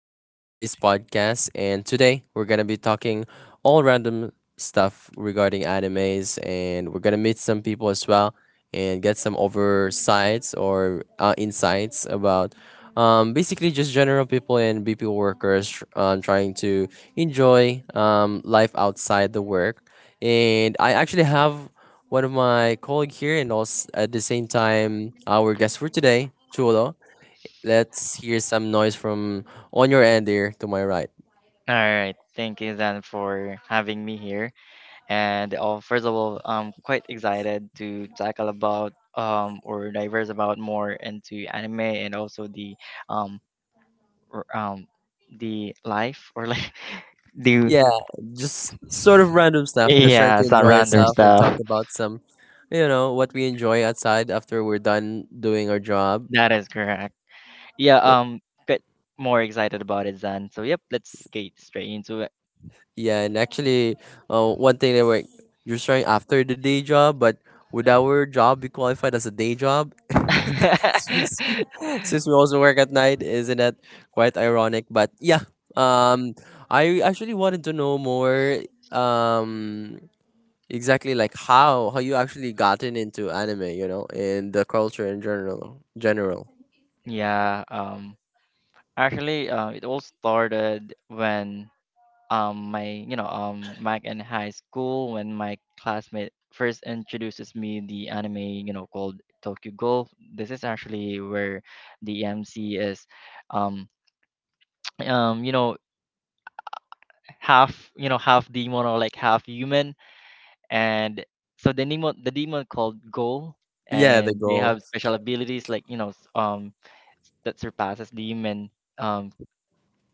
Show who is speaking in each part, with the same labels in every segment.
Speaker 1: host for today's podcast, and today we're gonna be talking all random stuff regarding animes, and we're gonna meet some people as well and get some oversights or insights about basically just general people and BP workers trying to enjoy life outside the work. And I actually have one of my colleague here, and also at the same time our guest for today, Chulo. Let's hear some noise from on your end there to my right.
Speaker 2: All right, thank you then for having me here. And oh, first of all, I'm quite excited to tackle about or diverse about more into anime and also the um r- um the life or like the
Speaker 1: Yeah, just sort of random stuff. Just trying
Speaker 2: yeah,
Speaker 1: to enjoy
Speaker 2: surrounding
Speaker 1: yourself and talk
Speaker 2: stuff.
Speaker 1: about some, you know, what we enjoy outside after we're done doing our job.
Speaker 2: That is correct. Yeah, bit more excited about it then. So yep, let's get straight into it.
Speaker 1: Yeah, and actually, one thing that we're just trying after the day job, but would our job be qualified as a day job since, since we also work at night? Isn't that quite ironic? But yeah, um, I actually wanted to know more. Um, Exactly, like how you actually gotten into anime, you know, and the culture in general. General,
Speaker 2: Yeah, actually, it all started when my Mike in high school when my classmate first introduces me the anime, you know, called Tokyo Ghoul. This is actually where the MC is um you know, half, you know, half demon or like half human, and so the demon called Ghoul,
Speaker 1: yeah, the
Speaker 2: and they
Speaker 1: goal,
Speaker 2: have special abilities like, you know, that surpasses the human um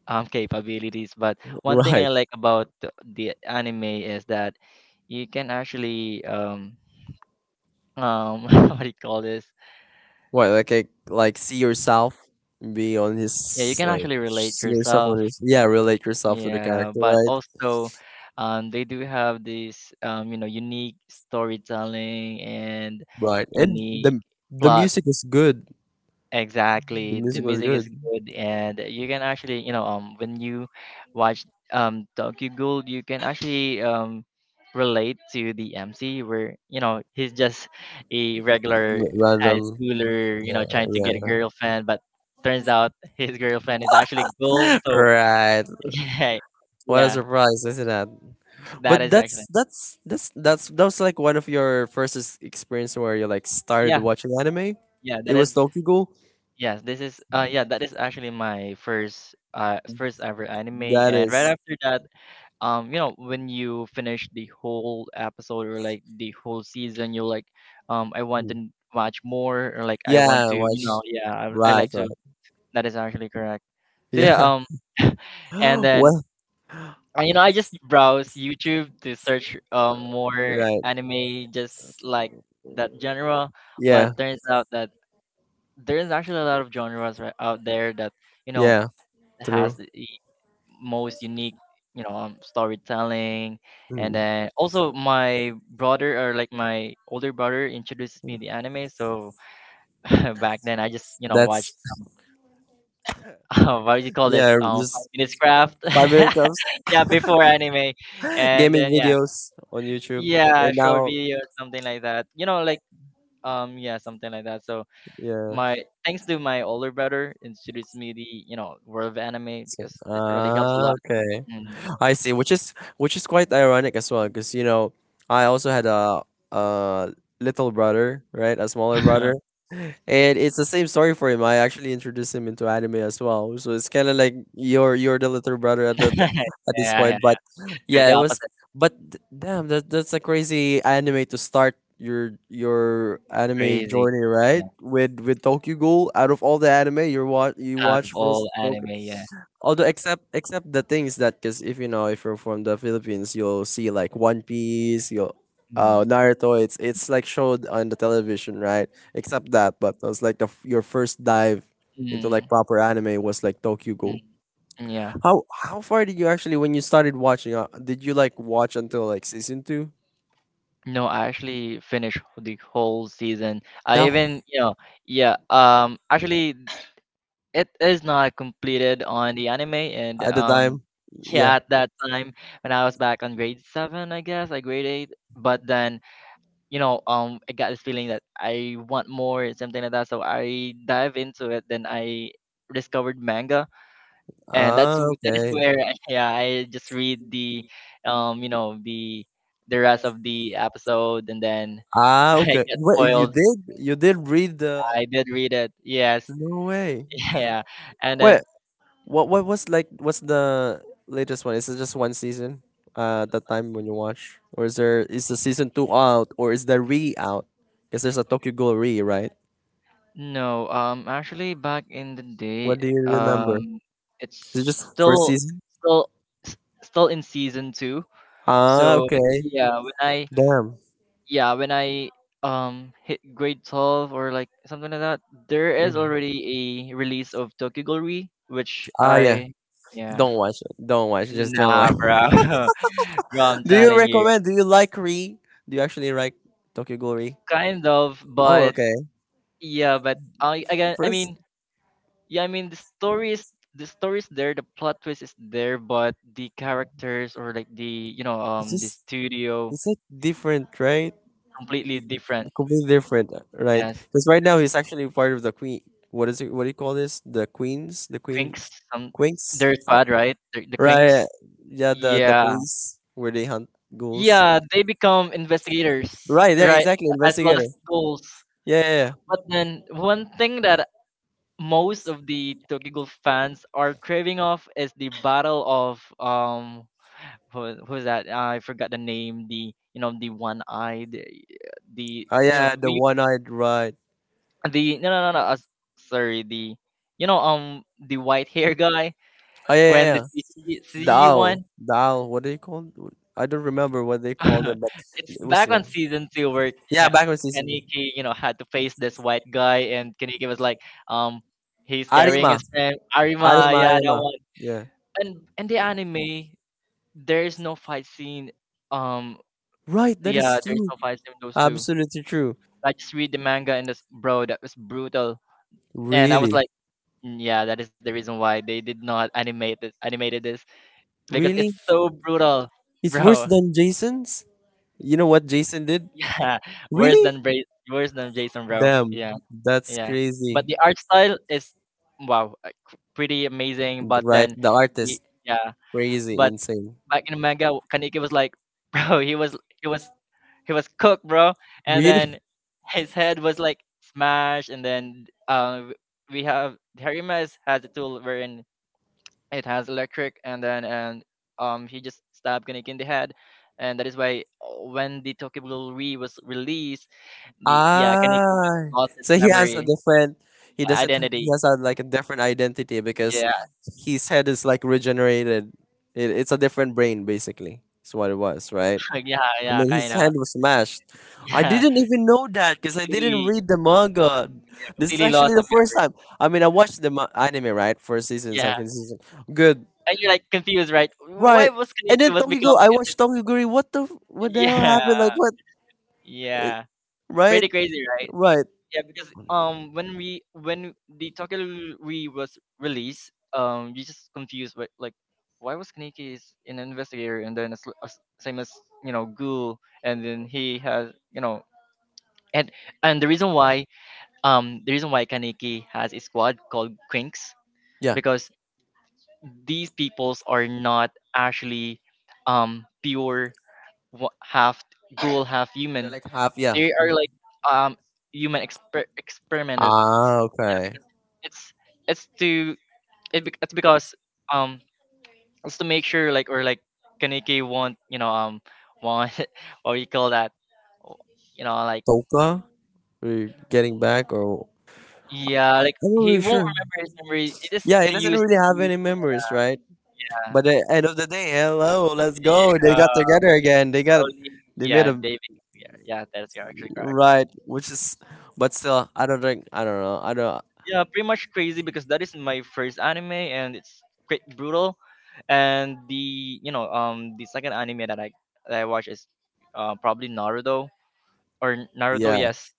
Speaker 2: capabilities. But one thing I
Speaker 1: right?
Speaker 2: like about the anime is that you can actually um what do you call this,
Speaker 1: What like see yourself, be on
Speaker 2: yeah, you
Speaker 1: his
Speaker 2: can
Speaker 1: like
Speaker 2: actually relate
Speaker 1: see yourself
Speaker 2: yourself.
Speaker 1: on his yeah, relate yourself to the
Speaker 2: Yeah,
Speaker 1: character,
Speaker 2: but
Speaker 1: right?
Speaker 2: also they do have this, you know, unique storytelling and
Speaker 1: Right, and
Speaker 2: unique
Speaker 1: the
Speaker 2: plot.
Speaker 1: music is good. The
Speaker 2: Exactly. The
Speaker 1: music was
Speaker 2: music
Speaker 1: good.
Speaker 2: is good, and you can actually, you know, when you watch Tokyo Ghoul, you can actually relate to the MC where, you know, he's just a regular high
Speaker 1: Random,
Speaker 2: schooler, you know,
Speaker 1: yeah,
Speaker 2: trying to get
Speaker 1: yeah.
Speaker 2: a girlfriend, but turns out his girlfriend is actually Ghoul. So
Speaker 1: Right,
Speaker 2: yeah,
Speaker 1: what a
Speaker 2: yeah,
Speaker 1: surprise, isn't it?
Speaker 2: that
Speaker 1: But
Speaker 2: is actually
Speaker 1: that's that was like one of your first experience where you like started
Speaker 2: yeah,
Speaker 1: watching anime.
Speaker 2: yeah, that
Speaker 1: It was
Speaker 2: is
Speaker 1: Tokyo Ghoul.
Speaker 2: yes, this is yeah, that is actually my first first ever anime.
Speaker 1: That
Speaker 2: And right
Speaker 1: is,
Speaker 2: after that, you know, when you finish the whole episode or like the whole season, you're like, I want to watch more, or like I want
Speaker 1: yeah,
Speaker 2: to, you
Speaker 1: watch
Speaker 2: know, yeah, I
Speaker 1: right,
Speaker 2: like to,
Speaker 1: right,
Speaker 2: that is actually correct. So yeah,
Speaker 1: yeah.
Speaker 2: and then,
Speaker 1: Well,
Speaker 2: you know, I just browse YouTube to search more
Speaker 1: right,
Speaker 2: anime just like that genre. But
Speaker 1: yeah,
Speaker 2: turns out that there is actually a lot of genres right out there that, you know,
Speaker 1: yeah,
Speaker 2: has
Speaker 1: true.
Speaker 2: the- most unique, you know, storytelling. And
Speaker 1: Mm.
Speaker 2: then also my brother, or like my older brother, introduced me the anime. So back then, I just, you know, watched
Speaker 1: That's
Speaker 2: some what do you call
Speaker 1: yeah,
Speaker 2: this, five
Speaker 1: just
Speaker 2: minutes craft,
Speaker 1: 5 minute clubs,
Speaker 2: yeah, before anime. And
Speaker 1: gaming
Speaker 2: then yeah,
Speaker 1: videos on YouTube,
Speaker 2: yeah,
Speaker 1: and
Speaker 2: short
Speaker 1: now
Speaker 2: video, something like that, you know, like yeah, something like that. So
Speaker 1: yeah.
Speaker 2: my thanks to my older brother introduced me the, you know, world of anime,
Speaker 1: So,
Speaker 2: because it really helps a
Speaker 1: ah,
Speaker 2: lot.
Speaker 1: okay.
Speaker 2: Mm.
Speaker 1: I see, which is quite ironic as well, because you know I also had a little brother, right, a smaller brother, and it's the same story for him. I actually introduced him into anime as well, so it's kind of like you're the little brother at that at this
Speaker 2: Yeah,
Speaker 1: point. But
Speaker 2: quite
Speaker 1: yeah,
Speaker 2: the
Speaker 1: it was.
Speaker 2: opposite,
Speaker 1: But damn, that that's a crazy anime to start your anime
Speaker 2: crazy.
Speaker 1: journey, right? With Tokyo Ghoul. Out of all the anime you
Speaker 2: Yeah, out of
Speaker 1: watch was
Speaker 2: all anime,
Speaker 1: Tokyo.
Speaker 2: yeah.
Speaker 1: Although except the things that because if you know if you're from the Philippines, you'll see like One Piece, you'll
Speaker 2: Mm.
Speaker 1: Naruto. It's like showed on the television, right? Except that, but it was like the your first dive into
Speaker 2: Mm.
Speaker 1: like proper anime was like Tokyo Go.
Speaker 2: Mm, yeah.
Speaker 1: How far did you actually when you started watching? Did you like watch until like season two?
Speaker 2: No, I actually finished the whole season. I
Speaker 1: That
Speaker 2: even, you know, yeah, actually it is not completed on the anime, and
Speaker 1: at the time, yeah.
Speaker 2: yeah, at that time when I was back on grade 7, I guess, like grade 8, but then, you know, I got this feeling that I want more, something like that, so I dive into it, then I discovered manga, and
Speaker 1: Ah
Speaker 2: that is
Speaker 1: okay.
Speaker 2: where yeah, I just read the, you know, the rest of the episode. And then
Speaker 1: Ah
Speaker 2: I
Speaker 1: okay.
Speaker 2: get
Speaker 1: Wait,
Speaker 2: spoiled.
Speaker 1: you did read the?
Speaker 2: I did read it. Yes.
Speaker 1: No way.
Speaker 2: Yeah. And
Speaker 1: Wait,
Speaker 2: then
Speaker 1: what was like what's the latest one? Is it just one season? That time when you watch? Or is there is the season two out or is the re out? Because there's a Tokyo Ghoul re, right?
Speaker 2: no, actually back in the day,
Speaker 1: What do you remember?
Speaker 2: um
Speaker 1: Is it just
Speaker 2: it's
Speaker 1: first
Speaker 2: still
Speaker 1: season?
Speaker 2: still s- in season 2.
Speaker 1: Ah,
Speaker 2: So
Speaker 1: okay.
Speaker 2: yeah, when I,
Speaker 1: Damn.
Speaker 2: yeah, when I hit grade 12 or like something like that, there is
Speaker 1: Mm.
Speaker 2: already a release of Tokyo Ghoul, which
Speaker 1: Ah yeah.
Speaker 2: I, yeah.
Speaker 1: Don't watch it. Don't watch just don't watch.
Speaker 2: Nah, bro. Bro, I'm
Speaker 1: Do you
Speaker 2: telling you.
Speaker 1: recommend? Do you like re? Do you actually like Tokyo Ghoul re?
Speaker 2: Kind of,
Speaker 1: Oh
Speaker 2: but
Speaker 1: okay.
Speaker 2: yeah, but I, again, I
Speaker 1: First
Speaker 2: mean, yeah, I mean, the story is, the story is there, the plot twist is there, but the characters or like the, you know,
Speaker 1: it's
Speaker 2: the
Speaker 1: just
Speaker 2: studio
Speaker 1: it's like different, right?
Speaker 2: completely different.
Speaker 1: Completely different, right?
Speaker 2: Yes,
Speaker 1: Because right now he's actually part of the queen. What is it? What do you call this? The queens, the queen,
Speaker 2: Quinks.
Speaker 1: queens,
Speaker 2: Their squad, right? The
Speaker 1: Right?
Speaker 2: Quinks.
Speaker 1: Yeah, the
Speaker 2: Yeah,
Speaker 1: police where they hunt ghouls.
Speaker 2: yeah, they become investigators,
Speaker 1: Right there,
Speaker 2: right?
Speaker 1: exactly.
Speaker 2: As well
Speaker 1: Investigator.
Speaker 2: as schools.
Speaker 1: Yeah, yeah, yeah.
Speaker 2: But then one thing that most of the Tokyo Ghoul fans are craving of is the battle of, who, who's that? I forgot the name. The, you know, the one eyed the,
Speaker 1: Oh
Speaker 2: you
Speaker 1: yeah, yeah,
Speaker 2: know,
Speaker 1: the
Speaker 2: we,
Speaker 1: one-eyed, right?
Speaker 2: the no, no, no, no, sorry, the, you know, the white hair guy,
Speaker 1: Oh yeah, yeah.
Speaker 2: when the
Speaker 1: Yeah.
Speaker 2: CG,
Speaker 1: The
Speaker 2: CG
Speaker 1: owl,
Speaker 2: one
Speaker 1: the owl. What do you call? I don't remember what they call them, but
Speaker 2: it's
Speaker 1: it was
Speaker 2: back on
Speaker 1: long.
Speaker 2: season two where
Speaker 1: Yeah, background season.
Speaker 2: Kaneki, you know, had to face this white guy, and Kaneki was like, um, he's carrying
Speaker 1: Arima,
Speaker 2: his friend Arima,
Speaker 1: Anima,
Speaker 2: yeah, that
Speaker 1: anima.
Speaker 2: one.
Speaker 1: Yeah.
Speaker 2: And in the anime, there is no fight scene. Um,
Speaker 1: Right, that
Speaker 2: yeah,
Speaker 1: is
Speaker 2: there is
Speaker 1: true.
Speaker 2: no fight scene with those two.
Speaker 1: Absolutely true.
Speaker 2: I just read the manga, and this, bro, that was brutal. And I was
Speaker 1: Really?
Speaker 2: like, "Mm, yeah, that is the reason why they did not animate this, animated this because
Speaker 1: Really?
Speaker 2: it's so brutal,
Speaker 1: It's worse
Speaker 2: bro."
Speaker 1: than Jason's? You know what Jason did?
Speaker 2: Worse
Speaker 1: Really?
Speaker 2: than worse than Jason, bro.
Speaker 1: Damn,
Speaker 2: Yeah,
Speaker 1: that's
Speaker 2: yeah. But
Speaker 1: crazy.
Speaker 2: the art style is wow, pretty amazing. But
Speaker 1: Right,
Speaker 2: then,
Speaker 1: the
Speaker 2: y-
Speaker 1: artist.
Speaker 2: yeah.
Speaker 1: Crazy,
Speaker 2: But
Speaker 1: insane.
Speaker 2: back in Omega, Kaneki was like, bro, he was he was cooked, bro. And then
Speaker 1: Really?
Speaker 2: his head was like smashed. And then we have Harimas has a tool wherein it has electric, and then and he just stabbed Kaneki in the head. And that is why, when the Tokyo Ghoul Re was released, the, yeah, Kanikyo
Speaker 1: Ah,
Speaker 2: lost its
Speaker 1: so he has a
Speaker 2: memory,
Speaker 1: different. He doesn't. He
Speaker 2: identity.
Speaker 1: has a, like a different identity because
Speaker 2: Yeah,
Speaker 1: his head is like regenerated. It, it's a different brain, basically. That's what it was, right?
Speaker 2: yeah,
Speaker 1: I
Speaker 2: yeah,
Speaker 1: mean,
Speaker 2: kind
Speaker 1: his
Speaker 2: of.
Speaker 1: hand was smashed. I
Speaker 2: Yeah,
Speaker 1: didn't even know that because I didn't
Speaker 2: completely,
Speaker 1: read the manga. This is
Speaker 2: completely lost
Speaker 1: actually
Speaker 2: the
Speaker 1: the first
Speaker 2: memory.
Speaker 1: time. I mean, I watched the anime, right? First season,
Speaker 2: Yeah,
Speaker 1: second season. Good.
Speaker 2: and you're like confused, right? Why
Speaker 1: Right.
Speaker 2: was
Speaker 1: And
Speaker 2: Kaneki
Speaker 1: then
Speaker 2: was become
Speaker 1: Tokiguri, I watched Tokiguri. What the, what the hell happened?
Speaker 2: yeah,
Speaker 1: Like, what?
Speaker 2: yeah,
Speaker 1: Right?
Speaker 2: pretty crazy, right?
Speaker 1: Right.
Speaker 2: Yeah, because when the Tokyo was released, you just confused, but like, why was Kaneki is an investigator, and then a, sl- a s- same as, you know, Ghoul, and then he has, you know, and and the reason why, the reason why Kaneki has a squad called Quinks,
Speaker 1: Yeah,
Speaker 2: because these peoples are not actually pure, half ghoul half
Speaker 1: they're
Speaker 2: human.
Speaker 1: like half. Yeah.
Speaker 2: They are
Speaker 1: Mm.
Speaker 2: like um human experimented.
Speaker 1: Ah, okay.
Speaker 2: It's it's to it's because, um it's to make sure, like, or like, Kaneki won't, you know, want, or you call that, you know, like
Speaker 1: Toka, we're getting back, or
Speaker 2: yeah, like
Speaker 1: I'm not
Speaker 2: he
Speaker 1: really
Speaker 2: won't
Speaker 1: sure.
Speaker 2: remember his memory. It is
Speaker 1: Yeah, he
Speaker 2: to
Speaker 1: doesn't
Speaker 2: use
Speaker 1: really have
Speaker 2: the
Speaker 1: any memories, right? But at the end of the day, hello, let's go. They got together again. They got,
Speaker 2: only,
Speaker 1: they made
Speaker 2: yeah,
Speaker 1: a
Speaker 2: David Pierre. Yeah, that is actually correct.
Speaker 1: right, which is, but still, I don't think, I don't know, I don't.
Speaker 2: Yeah, pretty much crazy because that is my first anime, and it's quite brutal. And the, you know, the second anime that I watch is, probably Naruto, or Naruto.
Speaker 1: Yeah,
Speaker 2: Yes,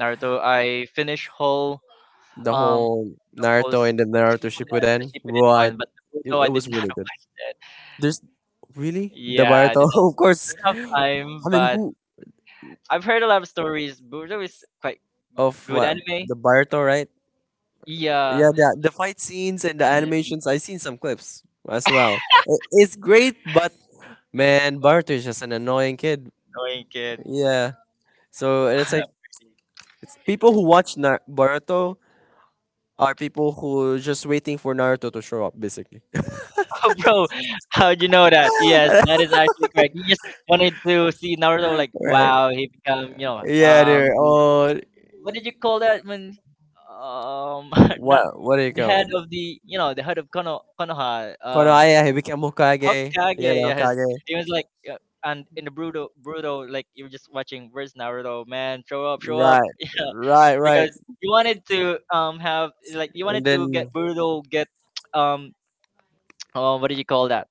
Speaker 2: Naruto. I finished whole,
Speaker 1: the
Speaker 2: um
Speaker 1: whole
Speaker 2: whole s-
Speaker 1: Naruto and the Naruto
Speaker 2: Shippuden, the
Speaker 1: Shippuden,
Speaker 2: Shippuden
Speaker 1: right?
Speaker 2: one, but
Speaker 1: It,
Speaker 2: Naruto
Speaker 1: it
Speaker 2: I did
Speaker 1: was
Speaker 2: not.
Speaker 1: really good. There's really the
Speaker 2: Yeah, I
Speaker 1: Barato,
Speaker 2: did not
Speaker 1: of course.
Speaker 2: have time,
Speaker 1: I mean,
Speaker 2: but
Speaker 1: who
Speaker 2: I've heard a lot of stories. Naruto is quite
Speaker 1: of
Speaker 2: good
Speaker 1: what
Speaker 2: anime.
Speaker 1: the Barato, right? Yeah,
Speaker 2: Yeah,
Speaker 1: the fight scenes and the animations. I seen some clips as well. I- it's great, but man, Barato is just an annoying kid.
Speaker 2: annoying kid.
Speaker 1: Yeah. So it's like people who watch Boruto are people who just waiting for Naruto to show up, basically.
Speaker 2: Oh, bro, how'd you know that? Yes, that is actually correct. You just wanted to see Naruto, like,
Speaker 1: Right.
Speaker 2: wow, he become, you know,
Speaker 1: Yeah, they're all
Speaker 2: what did you call that when, um, not
Speaker 1: what do you
Speaker 2: the
Speaker 1: call?
Speaker 2: head of the, you know, the head of Konoha,
Speaker 1: Konoha, yeah he became Hokage.
Speaker 2: Hokage.
Speaker 1: Yeah, the
Speaker 2: Yes,
Speaker 1: Hokage.
Speaker 2: it was like, and in the Bruto, like you were just watching, where's Naruto, man? Show up,
Speaker 1: Right, right, right.
Speaker 2: because you wanted to, have like, you
Speaker 1: And
Speaker 2: wanted to get
Speaker 1: then,
Speaker 2: Bruto get um oh, what do you call that?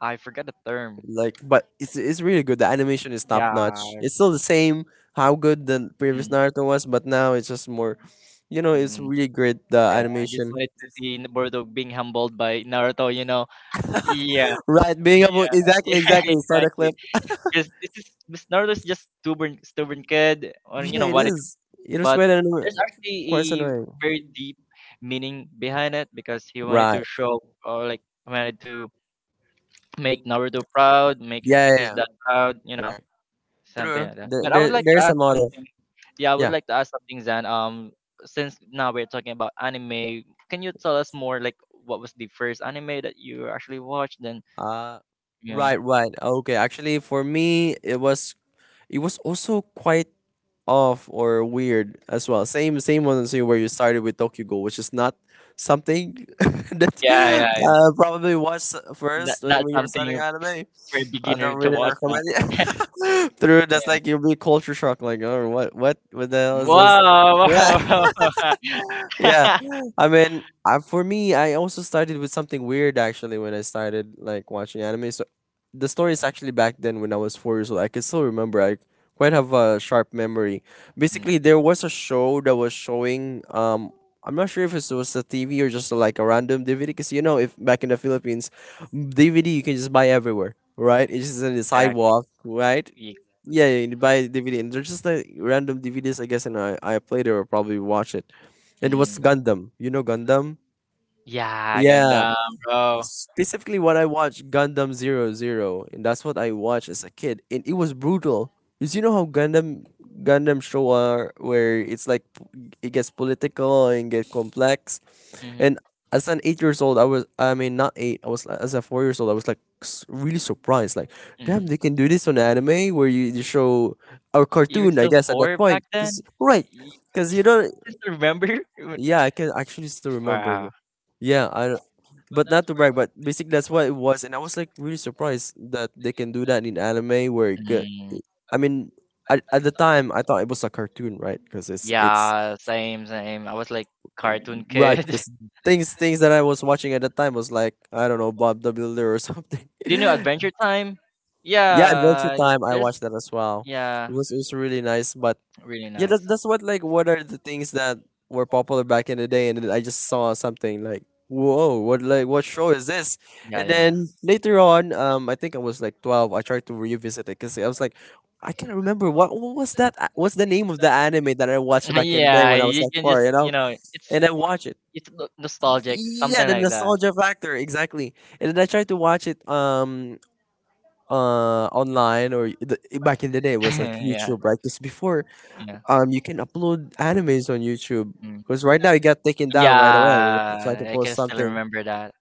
Speaker 2: I forgot the term.
Speaker 1: like, but it's really good. The animation is top notch.
Speaker 2: Yeah.
Speaker 1: It's still the same how good the previous
Speaker 2: Mm,
Speaker 1: Naruto was, but now it's just more. You know, it's
Speaker 2: mm,
Speaker 1: really great the
Speaker 2: yeah. I just
Speaker 1: animation.
Speaker 2: wanted to see Boruto being humbled by Naruto. You know. Yeah.
Speaker 1: Right, being able
Speaker 2: Yeah.
Speaker 1: exactly, exactly. Saw the clip.
Speaker 2: Exactly. Because this is this Naruto's just stubborn kid, or, you
Speaker 1: Yeah,
Speaker 2: know,
Speaker 1: it
Speaker 2: wanted.
Speaker 1: is. It was
Speaker 2: But
Speaker 1: quite an
Speaker 2: there's actually a
Speaker 1: quite annoying.
Speaker 2: very deep meaning behind it because he wanted to
Speaker 1: Right.
Speaker 2: show, or like, wanted to make Naruto proud, make
Speaker 1: Yeah, yeah,
Speaker 2: his
Speaker 1: yeah.
Speaker 2: dad proud. You know.
Speaker 1: Right.
Speaker 2: Something
Speaker 1: True.
Speaker 2: like that.
Speaker 1: There,
Speaker 2: But I would
Speaker 1: there,
Speaker 2: like to
Speaker 1: there's a
Speaker 2: ask
Speaker 1: lot of
Speaker 2: something. Yeah, I would
Speaker 1: yeah.
Speaker 2: like to ask something, Zan. Since now we're talking about anime, can you tell us more, like, what was the first anime that you actually watched? Then,
Speaker 1: Uh,
Speaker 2: yeah,
Speaker 1: right, right. Okay. Actually, for me, it was also quite off or weird as well. Same same one as you where you started with Tokyo Go, which is not something that
Speaker 2: yeah, yeah, yeah.
Speaker 1: probably was
Speaker 2: Not,
Speaker 1: first
Speaker 2: not
Speaker 1: when you were starting
Speaker 2: something
Speaker 1: anime.
Speaker 2: for a
Speaker 1: I
Speaker 2: beginner
Speaker 1: don't
Speaker 2: to
Speaker 1: really
Speaker 2: watch.
Speaker 1: recommend it. Through that's
Speaker 2: Yeah.
Speaker 1: like you'll be culture shock, like oh what the hell is this?
Speaker 2: Wow, wow,
Speaker 1: Yeah,
Speaker 2: wow.
Speaker 1: yeah. I mean, I, for me, I also started with something weird actually when I started like watching anime the story is actually back then when I was 4 years old. I can still remember. I quite have a sharp memory.
Speaker 2: Mm,
Speaker 1: Basically, there was a show that was showing. I'm not sure if it was a TV or just like a random DVD, because you know, if back in the Philippines, DVD you can just buy everywhere, right? It's just on the
Speaker 2: exactly.
Speaker 1: sidewalk, right?
Speaker 2: Ye-
Speaker 1: Yeah, yeah, you buy a DVD, and they're just like random DVDs, I guess. And I played it or probably watch it. And it was
Speaker 2: Mm.
Speaker 1: Gundam. You know Gundam?
Speaker 2: Yeah,
Speaker 1: Yeah,
Speaker 2: Gundam, bro.
Speaker 1: specifically, what I watched Gundam Zero Zero, and that's what I watched as a kid, and it was brutal. Cause you know how Gundam show are where it's like it gets political and get complex.
Speaker 2: Mhm,
Speaker 1: And as an 8 years old, I was I mean not eight, I was as a 4 years old, I was like really surprised. Like, damn,
Speaker 2: mhm.
Speaker 1: they can do this on anime where you show or
Speaker 2: You were
Speaker 1: cartoon, I
Speaker 2: still
Speaker 1: guess at that
Speaker 2: four
Speaker 1: point.
Speaker 2: back then?
Speaker 1: Cause right,
Speaker 2: You,
Speaker 1: cause
Speaker 2: you
Speaker 1: you
Speaker 2: still
Speaker 1: don't.
Speaker 2: remember?
Speaker 1: Yeah, I can actually still remember.
Speaker 2: Wow.
Speaker 1: Bro. Yeah, I but not to brag, but basically that's what it was, and I was like really surprised that they can do that in anime. Where it get,
Speaker 2: Mm,
Speaker 1: I mean, at the time I thought it was a cartoon, right? Because it's
Speaker 2: yeah, same, same. I was like cartoon
Speaker 1: right.
Speaker 2: kid. Do
Speaker 1: 'Cause things that I was watching at the time was like I don't know Bob the Builder or something.
Speaker 2: you know
Speaker 1: Yeah,
Speaker 2: Adventure Time?
Speaker 1: Adventure
Speaker 2: Yeah,
Speaker 1: Time. I
Speaker 2: there's
Speaker 1: watched that as well.
Speaker 2: yeah,
Speaker 1: It was really nice, but
Speaker 2: really
Speaker 1: yeah,
Speaker 2: nice.
Speaker 1: that's what like what are the things that were popular back in the day, and then I just saw something like whoa, what like what show is this?
Speaker 2: Yeah,
Speaker 1: And
Speaker 2: yeah.
Speaker 1: then later on, I think I was like 12. I tried to revisit it because I was like, I can't remember what was that? What's the name of the anime that I watched back in the day
Speaker 2: Yeah,
Speaker 1: when I was
Speaker 2: you
Speaker 1: like
Speaker 2: can
Speaker 1: four?
Speaker 2: just,
Speaker 1: You
Speaker 2: you
Speaker 1: know,
Speaker 2: know, it's
Speaker 1: and I watch it.
Speaker 2: nostalgic,
Speaker 1: Yeah,
Speaker 2: something
Speaker 1: the
Speaker 2: like that.
Speaker 1: nostalgia factor exactly. And then I tried to watch it online or the, back in the day it was like
Speaker 2: Yeah,
Speaker 1: YouTube right? Because before
Speaker 2: yeah.
Speaker 1: you can upload animes on YouTube
Speaker 2: Mm.
Speaker 1: because right now it got taken down right away when you try
Speaker 2: Yeah,
Speaker 1: to
Speaker 2: I
Speaker 1: post
Speaker 2: can still
Speaker 1: something.
Speaker 2: remember that.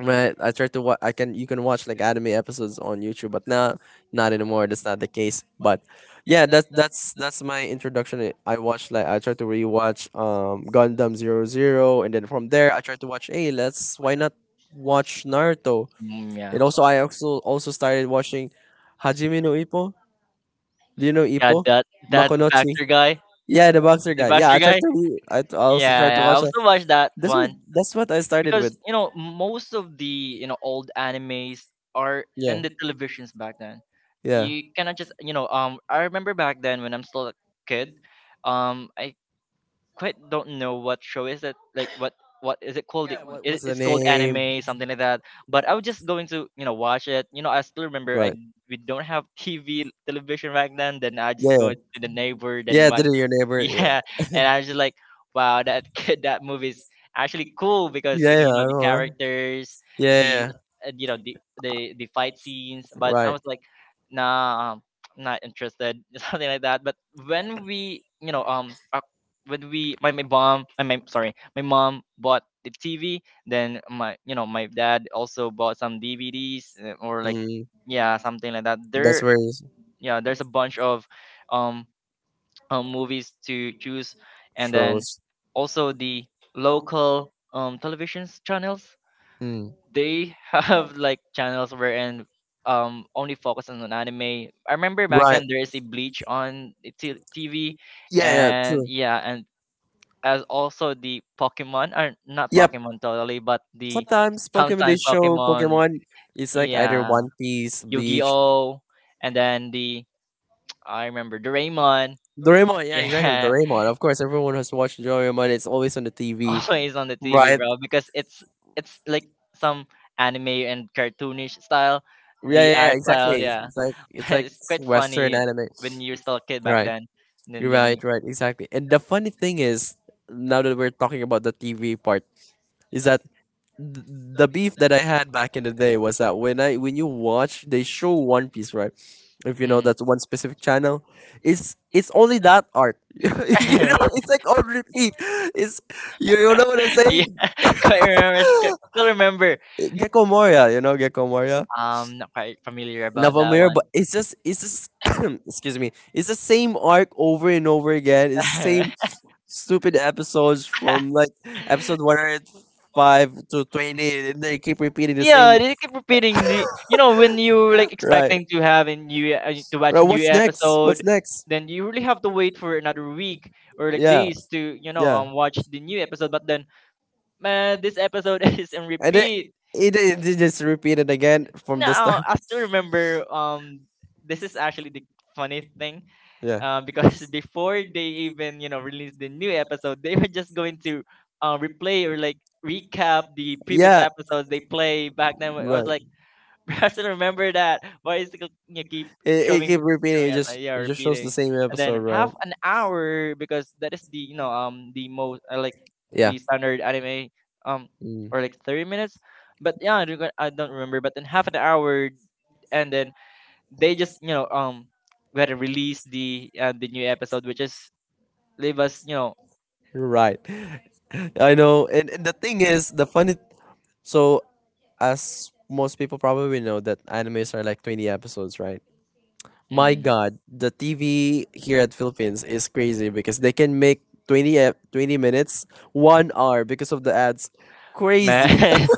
Speaker 1: Right, I tried to watch. I can you can watch like anime episodes on YouTube, but now not anymore. That's not the case. But yeah, that's that's my introduction. I watched like I tried to rewatch Gundam Zero Zero, and then from there I tried to watch. Hey, let's why not watch Naruto?
Speaker 2: Mm, yeah.
Speaker 1: And also I also started watching Hajime no Ippo. Do you know
Speaker 2: Yeah,
Speaker 1: Ippo?
Speaker 2: that that
Speaker 1: Makonochi.
Speaker 2: Baxter guy,
Speaker 1: Yeah, the boxer
Speaker 2: the
Speaker 1: guy. Yeah,
Speaker 2: Baxter
Speaker 1: I
Speaker 2: guy.
Speaker 1: tried to. I also
Speaker 2: Yeah,
Speaker 1: tried to
Speaker 2: yeah, I
Speaker 1: watch that.
Speaker 2: also watched that one
Speaker 1: That's what I started
Speaker 2: because,
Speaker 1: with.
Speaker 2: you know, most of the, you know, old animes are
Speaker 1: Yeah,
Speaker 2: in the televisions back then.
Speaker 1: yeah,
Speaker 2: You cannot just I remember back then when I'm still a kid, I quite don't know what show is it, like what is it called it,
Speaker 1: yeah. What, what's the
Speaker 2: it's called
Speaker 1: name?
Speaker 2: anime something like that. But I was just going to watch it. I still remember, I
Speaker 1: Right.
Speaker 2: we don't have TV television back then I just
Speaker 1: Yeah,
Speaker 2: go to the neighbor then
Speaker 1: yeah.
Speaker 2: watch.
Speaker 1: Did it your neighbor? Yeah,
Speaker 2: Yeah, and I was just like, wow, that that movie is actually cool because
Speaker 1: yeah. Yeah, I
Speaker 2: the
Speaker 1: know, right?
Speaker 2: characters,
Speaker 1: Yeah,
Speaker 2: the
Speaker 1: yeah.
Speaker 2: the
Speaker 1: Yeah.
Speaker 2: fight scenes. But I
Speaker 1: Right.
Speaker 2: was like, nah, not interested, something like that. But when we you know um when we my mom, I my sorry, my mom bought the TV, then my you know my dad also bought some DVDs, or like,
Speaker 1: Mm,
Speaker 2: yeah, something like that
Speaker 1: that's
Speaker 2: there.
Speaker 1: where it
Speaker 2: Yeah, there's a bunch of um, movies to choose. And then
Speaker 1: shows.
Speaker 2: also the local television channels,
Speaker 1: Mm.
Speaker 2: they have like channels wherein only focus on an anime. I remember back
Speaker 1: Right.
Speaker 2: then there is a Bleach on the TV,
Speaker 1: Yeah, yeah,
Speaker 2: and
Speaker 1: true.
Speaker 2: yeah. And as also the Pokemon, or not
Speaker 1: Yep.
Speaker 2: Pokemon totally, but the
Speaker 1: Sometimes Pokemon they
Speaker 2: sometimes
Speaker 1: show
Speaker 2: Pokemon,
Speaker 1: Pokemon. It's like either
Speaker 2: yeah,
Speaker 1: One Piece, Bleach.
Speaker 2: Yu-Gi-Oh, and then the I remember Doraemon,
Speaker 1: Doraemon, yeah, exactly.
Speaker 2: yeah,
Speaker 1: Doraemon. Of course, everyone has watched Doraemon. It's always on the TV,
Speaker 2: always on the TV,
Speaker 1: right?
Speaker 2: bro, because it's like some anime and cartoonish style,
Speaker 1: Yeah,
Speaker 2: the
Speaker 1: yeah, yeah,
Speaker 2: art style,
Speaker 1: exactly.
Speaker 2: yeah,
Speaker 1: It's like it's
Speaker 2: but
Speaker 1: like
Speaker 2: it's quite
Speaker 1: Western
Speaker 2: funny
Speaker 1: anime,
Speaker 2: when you're still a kid back
Speaker 1: right?
Speaker 2: then. And then
Speaker 1: You're
Speaker 2: then you,
Speaker 1: right, right, exactly. And the funny thing is, now that we're talking about the TV part, is that the beef that I had back in the day was that when you watch, they show One Piece, right? If you know
Speaker 2: mm.
Speaker 1: that's one specific channel, it's only that art. It's like on repeat. It's you, you know what I'm
Speaker 2: Yeah,
Speaker 1: saying?
Speaker 2: quite remember. Still remember.
Speaker 1: Gecko Moria, you know Gecko Moria,
Speaker 2: Not quite familiar about that
Speaker 1: Navamir,
Speaker 2: one.
Speaker 1: but it's just excuse me, it's the same arc over and over again. It's the same stupid episodes from like episode 105 to 20, and they keep repeating the
Speaker 2: Yeah,
Speaker 1: same.
Speaker 2: they keep repeating the. When you like
Speaker 1: Right,
Speaker 2: expecting to have a new to watch
Speaker 1: right.
Speaker 2: new
Speaker 1: What's next?
Speaker 2: episode,
Speaker 1: What's next?
Speaker 2: then you really have to wait for another week or like
Speaker 1: Yeah,
Speaker 2: days to
Speaker 1: yeah.
Speaker 2: watch the new episode. But then, man, this episode is on
Speaker 1: And then
Speaker 2: repeat.
Speaker 1: it just repeated again from
Speaker 2: No,
Speaker 1: the start.
Speaker 2: I still remember. This is actually the funny thing,
Speaker 1: Yeah,
Speaker 2: because before they even release the new episode, they were just going to replay or like recap the previous
Speaker 1: yeah.
Speaker 2: episodes they play back then. I was like,
Speaker 1: Right.
Speaker 2: I still remember that. Why is it you keep
Speaker 1: It
Speaker 2: showing me,
Speaker 1: keep repeating.
Speaker 2: showing
Speaker 1: It
Speaker 2: us
Speaker 1: just
Speaker 2: like, yeah,
Speaker 1: it just shows the
Speaker 2: repeating,
Speaker 1: same
Speaker 2: and then
Speaker 1: episode,
Speaker 2: half
Speaker 1: right?
Speaker 2: an hour, because that is the the most like
Speaker 1: Yeah.
Speaker 2: the standard anime, um
Speaker 1: Mm,
Speaker 2: or like 30 minutes, but yeah, I don't remember, but then half an hour and then they just we had to release the new episode, which is leave us
Speaker 1: you're right. I know. And the thing is, the funny. So, as most people probably know, that animes are like 20 episodes, right? My
Speaker 2: mm,
Speaker 1: God, the TV here at Philippines is crazy because they can make 20 minutes, 1 hour because of the ads. Crazy.
Speaker 2: man.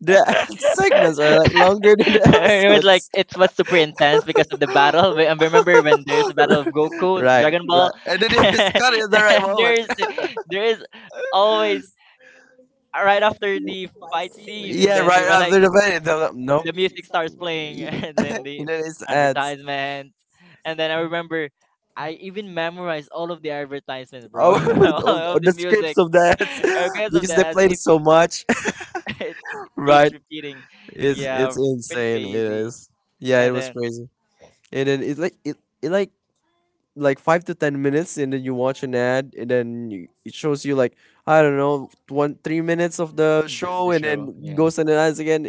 Speaker 1: The segments are like longer than the
Speaker 2: It was like
Speaker 1: episodes.
Speaker 2: it was super intense because of the battle. But I remember when there's a battle of Goku,
Speaker 1: Right,
Speaker 2: Dragon Ball,
Speaker 1: right. And then it's cut it at the
Speaker 2: and
Speaker 1: right moment.
Speaker 2: there's there is always right after the fight scene, and
Speaker 1: Yeah,
Speaker 2: then they
Speaker 1: right
Speaker 2: were like,
Speaker 1: after the band. No. Nope.
Speaker 2: the music starts playing, and then the
Speaker 1: And then it's ads.
Speaker 2: advertisement. And then I remember I even memorized all of the advertisements, bro.
Speaker 1: Oh,
Speaker 2: All
Speaker 1: the
Speaker 2: of the
Speaker 1: the scripts
Speaker 2: music.
Speaker 1: of the ads
Speaker 2: Because of
Speaker 1: because they
Speaker 2: that,
Speaker 1: played it so much.
Speaker 2: it, it
Speaker 1: Right?
Speaker 2: keeps repeating.
Speaker 1: It's
Speaker 2: Yeah,
Speaker 1: it's
Speaker 2: pretty
Speaker 1: insane. It
Speaker 2: crazy.
Speaker 1: is. Yeah, it
Speaker 2: And
Speaker 1: was
Speaker 2: then
Speaker 1: crazy. And then it's like it like 5 to 10 minutes, and then you watch an ad, and then it shows you like I don't know one three minutes of the show,
Speaker 2: the
Speaker 1: and then
Speaker 2: show, yeah.
Speaker 1: goes and ads again.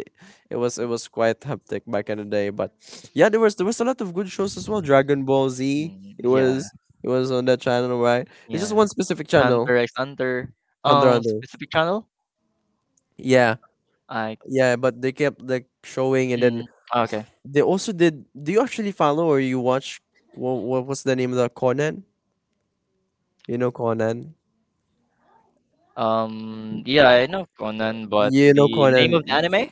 Speaker 1: It was quite hectic back in the day, but yeah, there was a lot of good shows as well. Dragon Ball Z,
Speaker 2: Mm,
Speaker 1: it
Speaker 2: yeah,
Speaker 1: was it was on that channel, right? It's just
Speaker 2: yeah.
Speaker 1: one specific channel.
Speaker 2: Hunter x Hunter,
Speaker 1: Hunter x Hunter.
Speaker 2: specific channel.
Speaker 1: Yeah,
Speaker 2: I,
Speaker 1: yeah, but they kept like showing, and then
Speaker 2: mm, okay.
Speaker 1: they also did. Do you actually follow or you watch? What was the name of the Conan? You know Conan?
Speaker 2: Yeah, I know Conan, but
Speaker 1: You know
Speaker 2: the name
Speaker 1: Conan.
Speaker 2: of the anime?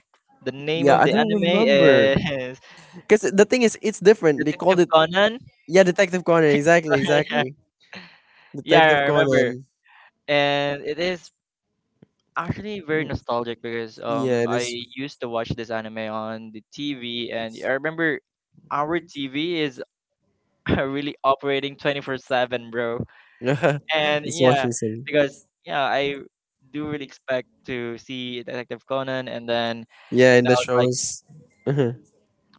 Speaker 2: The name
Speaker 1: Yeah,
Speaker 2: of
Speaker 1: I
Speaker 2: the
Speaker 1: don't
Speaker 2: anime
Speaker 1: remember.
Speaker 2: is
Speaker 1: Cause the thing is, it's different. They called
Speaker 2: Detective
Speaker 1: it,
Speaker 2: Conan.
Speaker 1: yeah, Detective Conan. Exactly, exactly.
Speaker 2: Yeah, I
Speaker 1: Detective
Speaker 2: remember.
Speaker 1: Conan.
Speaker 2: And it is actually very
Speaker 1: Mm,
Speaker 2: nostalgic, because
Speaker 1: yeah, it
Speaker 2: I
Speaker 1: is.
Speaker 2: used to watch this anime on the TV, and I remember our TV is really operating 24/7, bro. And
Speaker 1: It's what
Speaker 2: yeah,
Speaker 1: we say.
Speaker 2: because yeah, I do really expect to see Detective Conan, and then
Speaker 1: Yeah, in
Speaker 2: now
Speaker 1: the
Speaker 2: it's like,
Speaker 1: shows. Mhm,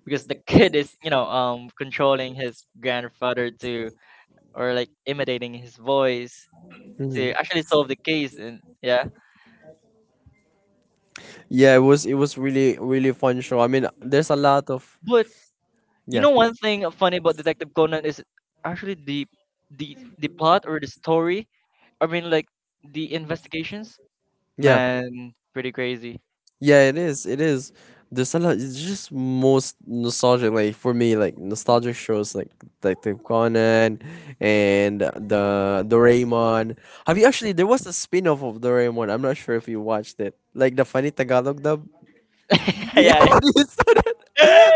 Speaker 2: because the kid is controlling his grandfather to, or like imitating his voice, to
Speaker 1: mhm.
Speaker 2: actually solve the case. And yeah,
Speaker 1: Yeah, it was really really fun show. I mean, there's a lot of.
Speaker 2: but
Speaker 1: Yeah,
Speaker 2: one thing funny about Detective Conan is actually the, the plot, or the story, I mean, like, the investigations,
Speaker 1: yeah.
Speaker 2: man, pretty crazy.
Speaker 1: Yeah, it is. It is. There's a lot. It's just most nostalgic. Like for me, like nostalgic shows like Detective Conan and the Doraemon. Have you actually? There was a spin-off of Doraemon. I'm not sure if you watched it. Like the funny Tagalog dub.
Speaker 2: Yeah.
Speaker 1: Yeah, you saw that.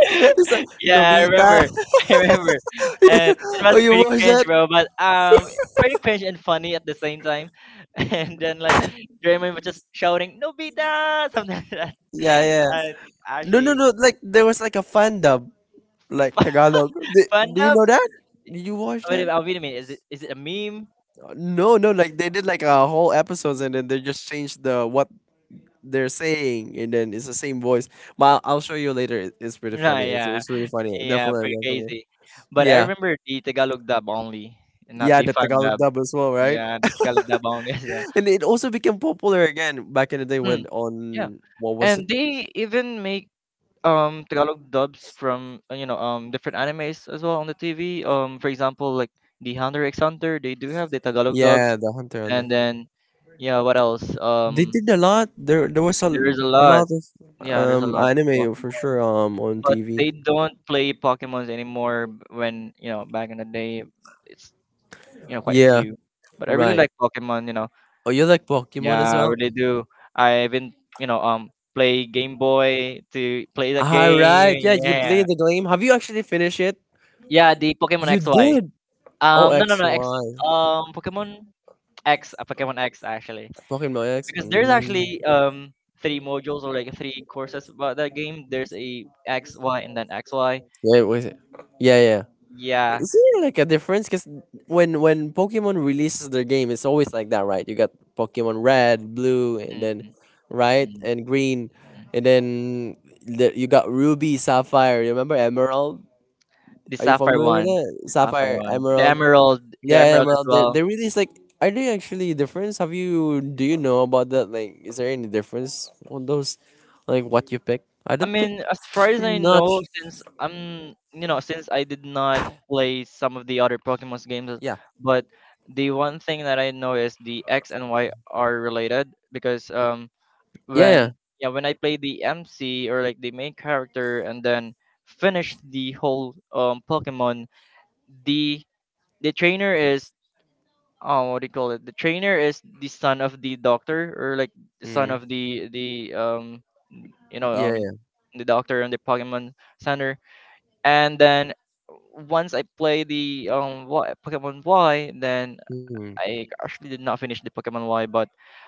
Speaker 1: You saw
Speaker 2: Yeah, I remember.
Speaker 1: Nobita.
Speaker 2: I remember. And it
Speaker 1: Oh,
Speaker 2: was
Speaker 1: you
Speaker 2: pretty
Speaker 1: watched
Speaker 2: cringe,
Speaker 1: that?
Speaker 2: bro, but pretty cringe and funny at the same time. And then like Jeremy was just shouting, Nobita, something like that.
Speaker 1: Yeah, yeah.
Speaker 2: And
Speaker 1: No, no,
Speaker 2: actually
Speaker 1: no. Like there was like a fan dub, like Tagalog. Do,
Speaker 2: fun
Speaker 1: do you
Speaker 2: dub.
Speaker 1: know that? Did you watch
Speaker 2: Wait,
Speaker 1: that?
Speaker 2: oh, wait a minute, is it a meme?
Speaker 1: No, no, like they did like a whole episodes, and then they just changed the what they're saying, and then it's the same voice. But I'll show you later. It's pretty
Speaker 2: No,
Speaker 1: funny. It's,
Speaker 2: yeah.
Speaker 1: it's really funny.
Speaker 2: Yeah,
Speaker 1: Definitely,
Speaker 2: pretty
Speaker 1: definitely.
Speaker 2: crazy. But I
Speaker 1: Yeah.
Speaker 2: remember the Tagalog dub only, and not
Speaker 1: Yeah,
Speaker 2: the
Speaker 1: the
Speaker 2: fun
Speaker 1: Tagalog
Speaker 2: dub.
Speaker 1: dub as well, right?
Speaker 2: Yeah, the Tagalog dub only as well.
Speaker 1: And it also became popular again back in the day
Speaker 2: Mm,
Speaker 1: when
Speaker 2: yeah.
Speaker 1: on what was
Speaker 2: And
Speaker 1: it?
Speaker 2: they even make Tagalog dubs from, different animes as well on the TV. For example, like the Hunter x Hunter, they do have the Tagalog dubs,
Speaker 1: Yeah, the Hunter Hunter.
Speaker 2: and then yeah, what else?
Speaker 1: They did a lot. There was a,
Speaker 2: There is a
Speaker 1: a
Speaker 2: lot.
Speaker 1: lot of
Speaker 2: Yeah, there's a lot.
Speaker 1: anime for
Speaker 2: Pokemon,
Speaker 1: sure on
Speaker 2: but
Speaker 1: TV.
Speaker 2: they don't play Pokemons anymore. When back in the day, it's quite
Speaker 1: Yeah,
Speaker 2: few. But I really
Speaker 1: right.
Speaker 2: like Pokemon. You know,
Speaker 1: Oh, you like
Speaker 2: yeah,
Speaker 1: Pokemon as
Speaker 2: I
Speaker 1: well?
Speaker 2: really do. I even you know um play Game Boy to play that
Speaker 1: All right. Yeah,
Speaker 2: game.
Speaker 1: you played
Speaker 2: Yeah.
Speaker 1: the game. Have you actually finished it?
Speaker 2: Yeah, the Pokemon
Speaker 1: You
Speaker 2: XY.
Speaker 1: did. Oh,
Speaker 2: No, no,
Speaker 1: X
Speaker 2: no.
Speaker 1: Y.
Speaker 2: Um, Pokemon Pokemon X, actually.
Speaker 1: Pokemon X.
Speaker 2: Because there's
Speaker 1: Mm.
Speaker 2: actually three modules, or like three courses about that game. There's a X, Y, and then X, Y.
Speaker 1: Yeah, was it? Yeah, yeah.
Speaker 2: Yeah.
Speaker 1: Is there like a difference? Because when Pokemon releases their game, it's always like that, right? You got Pokemon Red, Blue, and
Speaker 2: Mm,
Speaker 1: then right
Speaker 2: mm,
Speaker 1: and Green,
Speaker 2: mm.
Speaker 1: and then you got Ruby, Sapphire. You remember Emerald?
Speaker 2: The
Speaker 1: Are you
Speaker 2: Sapphire
Speaker 1: familiar with
Speaker 2: one,
Speaker 1: it?
Speaker 2: the Sapphire
Speaker 1: Sapphire,
Speaker 2: one,
Speaker 1: emerald.
Speaker 2: The
Speaker 1: Yeah, yeah,
Speaker 2: Emerald as
Speaker 1: emerald. They
Speaker 2: well.
Speaker 1: they really is like. Are they actually different? Have you Do you know about that? Like, is there any difference on those? Like what you pick? I
Speaker 2: I
Speaker 1: don't think
Speaker 2: mean, as far as I
Speaker 1: not.
Speaker 2: know, since I'm, you know, since I did not play some of the other Pokemon's games,
Speaker 1: Yeah.
Speaker 2: but the one thing that I know is the X and Y are related, because when
Speaker 1: Yeah.
Speaker 2: yeah, when I play the MC, or like the main character, and then finish the whole Pokemon, the the trainer is, oh, what do you call it? The trainer is the son of the doctor, or like the
Speaker 1: Yeah.
Speaker 2: son
Speaker 1: Mm.
Speaker 2: of the you know
Speaker 1: Yeah.
Speaker 2: um
Speaker 1: Yeah.
Speaker 2: the doctor and the Pokemon Center. And then once I play the Y, Pokemon Y, then
Speaker 1: Mm.
Speaker 2: I actually did not finish the Pokemon Y, but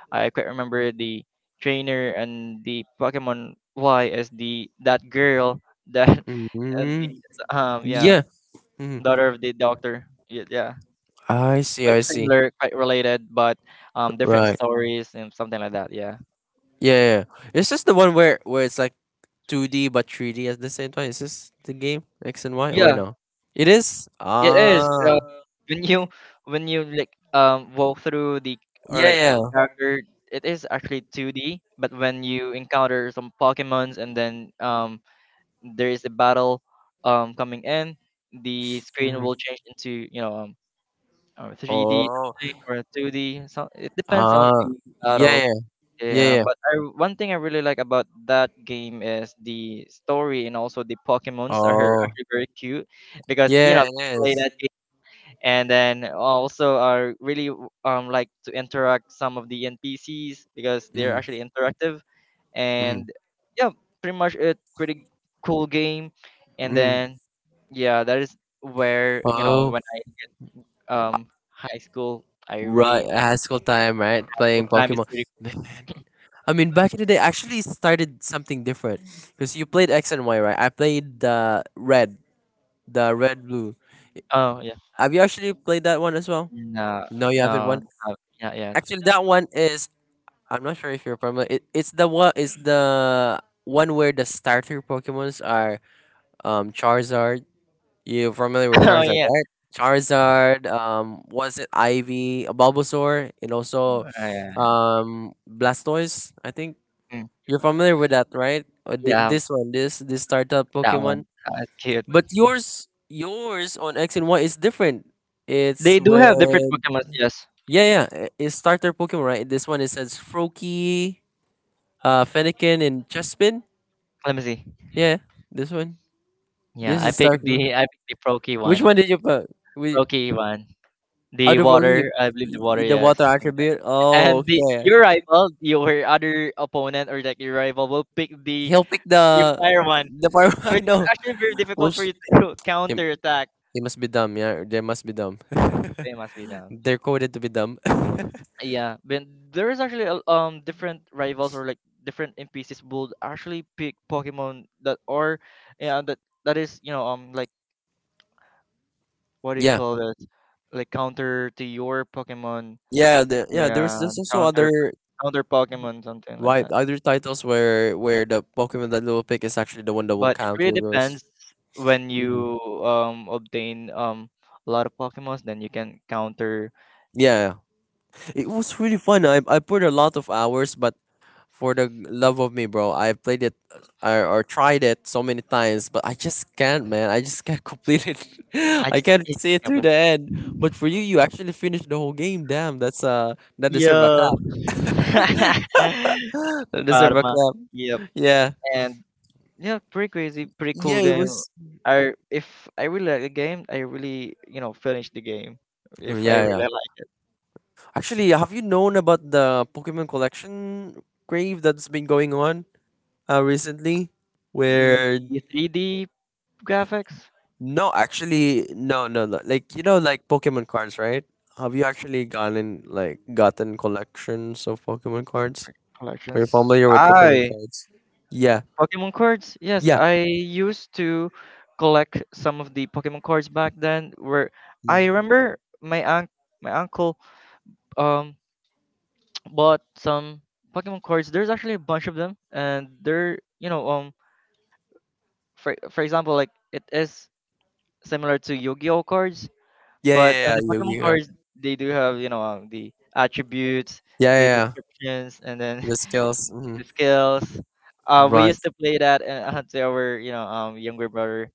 Speaker 2: I quite remember the trainer and the Pokemon Y as the that girl that, and the
Speaker 1: Mm.
Speaker 2: yeah,
Speaker 1: Yeah. Mm.
Speaker 2: daughter of the doctor, yeah, yeah.
Speaker 1: I see.
Speaker 2: Quite
Speaker 1: I see.
Speaker 2: similar, quite related, but different
Speaker 1: Right.
Speaker 2: stories and something like that, yeah.
Speaker 1: Yeah, yeah, yeah. Is this the one where it's like 2D but 3D at the same time? Is this the game X and Y or
Speaker 2: Yeah,
Speaker 1: no? It is.
Speaker 2: it is.
Speaker 1: Ah.
Speaker 2: When you when you like walk through the, or
Speaker 1: Yeah.
Speaker 2: like
Speaker 1: Yeah.
Speaker 2: character, it is actually 2D. But when you encounter some Pokemons, and then there is a battle coming in, the screen
Speaker 1: Mhm.
Speaker 2: will change into 3D
Speaker 1: Oh,
Speaker 2: something, or 2D. So it depends on
Speaker 1: ah,
Speaker 2: the
Speaker 1: yeah,
Speaker 2: battle.
Speaker 1: yeah, yeah,
Speaker 2: Yeah,
Speaker 1: yeah.
Speaker 2: but I, one thing I really like about that game is the story, and also the Pokemons are
Speaker 1: Oh,
Speaker 2: actually very cute, because
Speaker 1: yeah, it
Speaker 2: play
Speaker 1: is.
Speaker 2: that, and then also are really like to interact some of the NPCs because they're
Speaker 1: Mm,
Speaker 2: actually interactive. And
Speaker 1: mm,
Speaker 2: yeah, pretty much a pretty cool game. And
Speaker 1: mm.
Speaker 2: then yeah, that is where
Speaker 1: Oh,
Speaker 2: when I high school, I
Speaker 1: right,
Speaker 2: really
Speaker 1: high school time, right?
Speaker 2: full
Speaker 1: Playing
Speaker 2: time is
Speaker 1: Pokemon.
Speaker 2: pretty.
Speaker 1: I mean, back in the day, actually, it started something different because you played X and Y, right? I played the red blue.
Speaker 2: Oh yeah.
Speaker 1: Have you actually played that one as well?
Speaker 2: Nah,
Speaker 1: No, you
Speaker 2: no
Speaker 1: haven't. Won.
Speaker 2: no yeah, yeah.
Speaker 1: Actually, that one is. I'm not sure if you're familiar. It's the one. It's the one where the starter Pokemons are Charizard. You familiar with
Speaker 2: Oh
Speaker 1: Charizard,
Speaker 2: yeah.
Speaker 1: right? Charizard, was it Ivy, Bulbasaur, and also
Speaker 2: Oh, yeah.
Speaker 1: Blastoise, I think.
Speaker 2: Mm,
Speaker 1: You're familiar with that, right? Or
Speaker 2: yeah,
Speaker 1: this one, this startup
Speaker 2: that one,
Speaker 1: Pokemon.
Speaker 2: that's cute.
Speaker 1: But yours on X and Y is different. It's
Speaker 2: They do
Speaker 1: with.
Speaker 2: have different Pokemons. Yes,
Speaker 1: Yeah, yeah, it's starter Pokemon, right? This one it says Froakie, Fennekin, and Chespin.
Speaker 2: let me see.
Speaker 1: Yeah, this one.
Speaker 2: Yeah,
Speaker 1: This
Speaker 2: I
Speaker 1: is
Speaker 2: picked
Speaker 1: starter.
Speaker 2: the I picked the Proki. Which
Speaker 1: Which
Speaker 2: one.
Speaker 1: one did you put? Which.
Speaker 2: One. The
Speaker 1: Otherworldly,
Speaker 2: water, I believe the water,
Speaker 1: the
Speaker 2: yes.
Speaker 1: water attribute. Oh,
Speaker 2: And the
Speaker 1: okay.
Speaker 2: your rival, your other opponent, or like your rival will pick
Speaker 1: He'll pick
Speaker 2: the
Speaker 1: the
Speaker 2: fire one,
Speaker 1: the fire.
Speaker 2: which is
Speaker 1: No,
Speaker 2: actually very difficult
Speaker 1: which
Speaker 2: for you to
Speaker 1: he,
Speaker 2: counter attack.
Speaker 1: he must be dumb. Yeah, they must be dumb.
Speaker 2: They must be down.
Speaker 1: They're coded to be dumb.
Speaker 2: Yeah, but there is actually different rivals, or like different NPCs will actually pick Pokemon that are, yeah, that that is like, what do you
Speaker 1: Yeah,
Speaker 2: call that, like counter to your Pokemon.
Speaker 1: yeah, yeah. There's
Speaker 2: Yeah,
Speaker 1: there's also other,
Speaker 2: counter, counter Pokemon, something like
Speaker 1: right,
Speaker 2: that.
Speaker 1: other titles where the Pokemon that will pick is actually the one that will
Speaker 2: But it
Speaker 1: count.
Speaker 2: really
Speaker 1: Those.
Speaker 2: depends when
Speaker 1: Mhm.
Speaker 2: you obtain a lot of Pokemons, then you can counter.
Speaker 1: Yeah, yeah, it was really fun. I put a lot of hours, but for the love of me, bro, I've played it or tried it so many times, but I just can't, man. I just can't complete it.
Speaker 2: I
Speaker 1: I
Speaker 2: just
Speaker 1: can't
Speaker 2: hate
Speaker 1: see it
Speaker 2: the
Speaker 1: through the
Speaker 2: example.
Speaker 1: end. But for you, you actually finished the whole game. Damn, that's that deserve a
Speaker 2: Yeah,
Speaker 1: clap. That deserve a
Speaker 2: parma.
Speaker 1: clap.
Speaker 2: Yep,
Speaker 1: Yeah,
Speaker 2: and yeah, pretty crazy, pretty cool
Speaker 1: yeah, it
Speaker 2: game.
Speaker 1: was.
Speaker 2: I if I really like the game, I really finish the game
Speaker 1: Mm,
Speaker 2: if I
Speaker 1: yeah,
Speaker 2: really
Speaker 1: yeah.
Speaker 2: like it.
Speaker 1: Actually, have you known about the Pokemon collection crave that's been going on recently,
Speaker 2: Mm,
Speaker 1: where?
Speaker 2: the 3D graphics.
Speaker 1: No, actually, no, no, no. Like you know, like Pokemon cards, right? Have you actually gotten like gotten collections of Pokemon cards?
Speaker 2: Like,
Speaker 1: Are you
Speaker 2: collections.
Speaker 1: familiar with Pokemon
Speaker 2: I
Speaker 1: cards? Yeah,
Speaker 2: Pokemon cards? Yes,
Speaker 1: yeah,
Speaker 2: I used to collect some of the Pokemon cards back then. Where I
Speaker 1: mm,
Speaker 2: remember my aunt, my uncle, um, bought some Pokemon cards. There's actually a bunch of them, and they're for example, like it is similar to Yu-Gi-Oh cards,
Speaker 1: yeah,
Speaker 2: but on
Speaker 1: yeah, yeah.
Speaker 2: the Pokemon
Speaker 1: Yu-Gi-Oh card.
Speaker 2: cards they do have the attributes,
Speaker 1: Yeah, yeah,
Speaker 2: the
Speaker 1: yeah.
Speaker 2: descriptions, and then
Speaker 1: The skills. Hmm.
Speaker 2: the skills. We
Speaker 1: Right,
Speaker 2: used to play that, to our younger brother.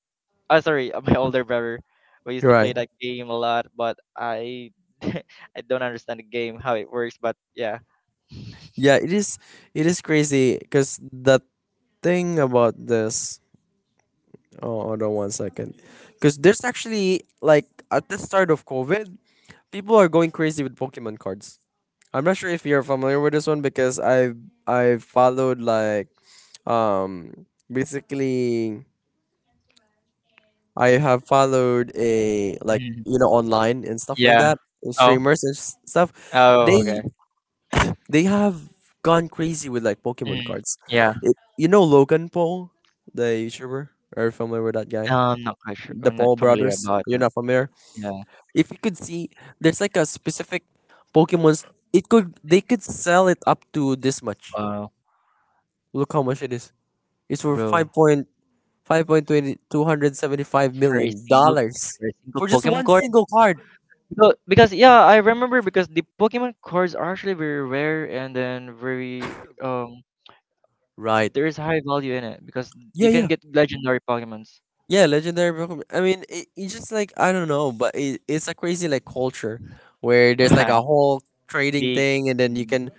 Speaker 2: Oh, sorry, my older brother. We used to
Speaker 1: right.
Speaker 2: play that game a lot, but I I don't understand the game how it works. But yeah,
Speaker 1: Yeah, it is. It is crazy because the thing about this. Oh, hold on one second. Because there's actually like at the start of COVID, people are going crazy with Pokemon cards. I'm not sure if you're familiar with this one because I followed like basically I have followed a like
Speaker 2: mm,
Speaker 1: you know online and stuff like
Speaker 2: yeah.
Speaker 1: that, and
Speaker 2: Oh,
Speaker 1: streamers and stuff.
Speaker 2: oh, okay.
Speaker 1: They they have gone crazy with like Pokemon
Speaker 2: Mm,
Speaker 1: cards.
Speaker 2: yeah,
Speaker 1: You know Logan Paul, the YouTuber. Are you familiar with that
Speaker 2: no,
Speaker 1: guy?
Speaker 2: I'm not quite sure.
Speaker 1: The
Speaker 2: I'm not
Speaker 1: Paul
Speaker 2: familiar
Speaker 1: brothers.
Speaker 2: about
Speaker 1: You're
Speaker 2: it.
Speaker 1: not familiar.
Speaker 2: Yeah,
Speaker 1: If you could see, there's like a specific Pokemon's. It could They could sell it up to this much.
Speaker 2: wow,
Speaker 1: Look how much it is. It's for
Speaker 2: bro.
Speaker 1: 5.5 point twenty two hundred seventy five million dollars
Speaker 2: For a single
Speaker 1: for just
Speaker 2: Pokemon
Speaker 1: one
Speaker 2: card,
Speaker 1: single card.
Speaker 2: because yeah, I remember because the Pokemon cards are actually very rare, and then very um,
Speaker 1: Right.
Speaker 2: there is high value in it, because
Speaker 1: Yeah,
Speaker 2: you can
Speaker 1: yeah,
Speaker 2: get legendary Pokemons.
Speaker 1: yeah. Legendary Pokemon. I mean, it's just like I don't know, but it's a crazy like culture where there's like a whole trading
Speaker 2: The
Speaker 1: thing. And then you
Speaker 2: mm,
Speaker 1: can,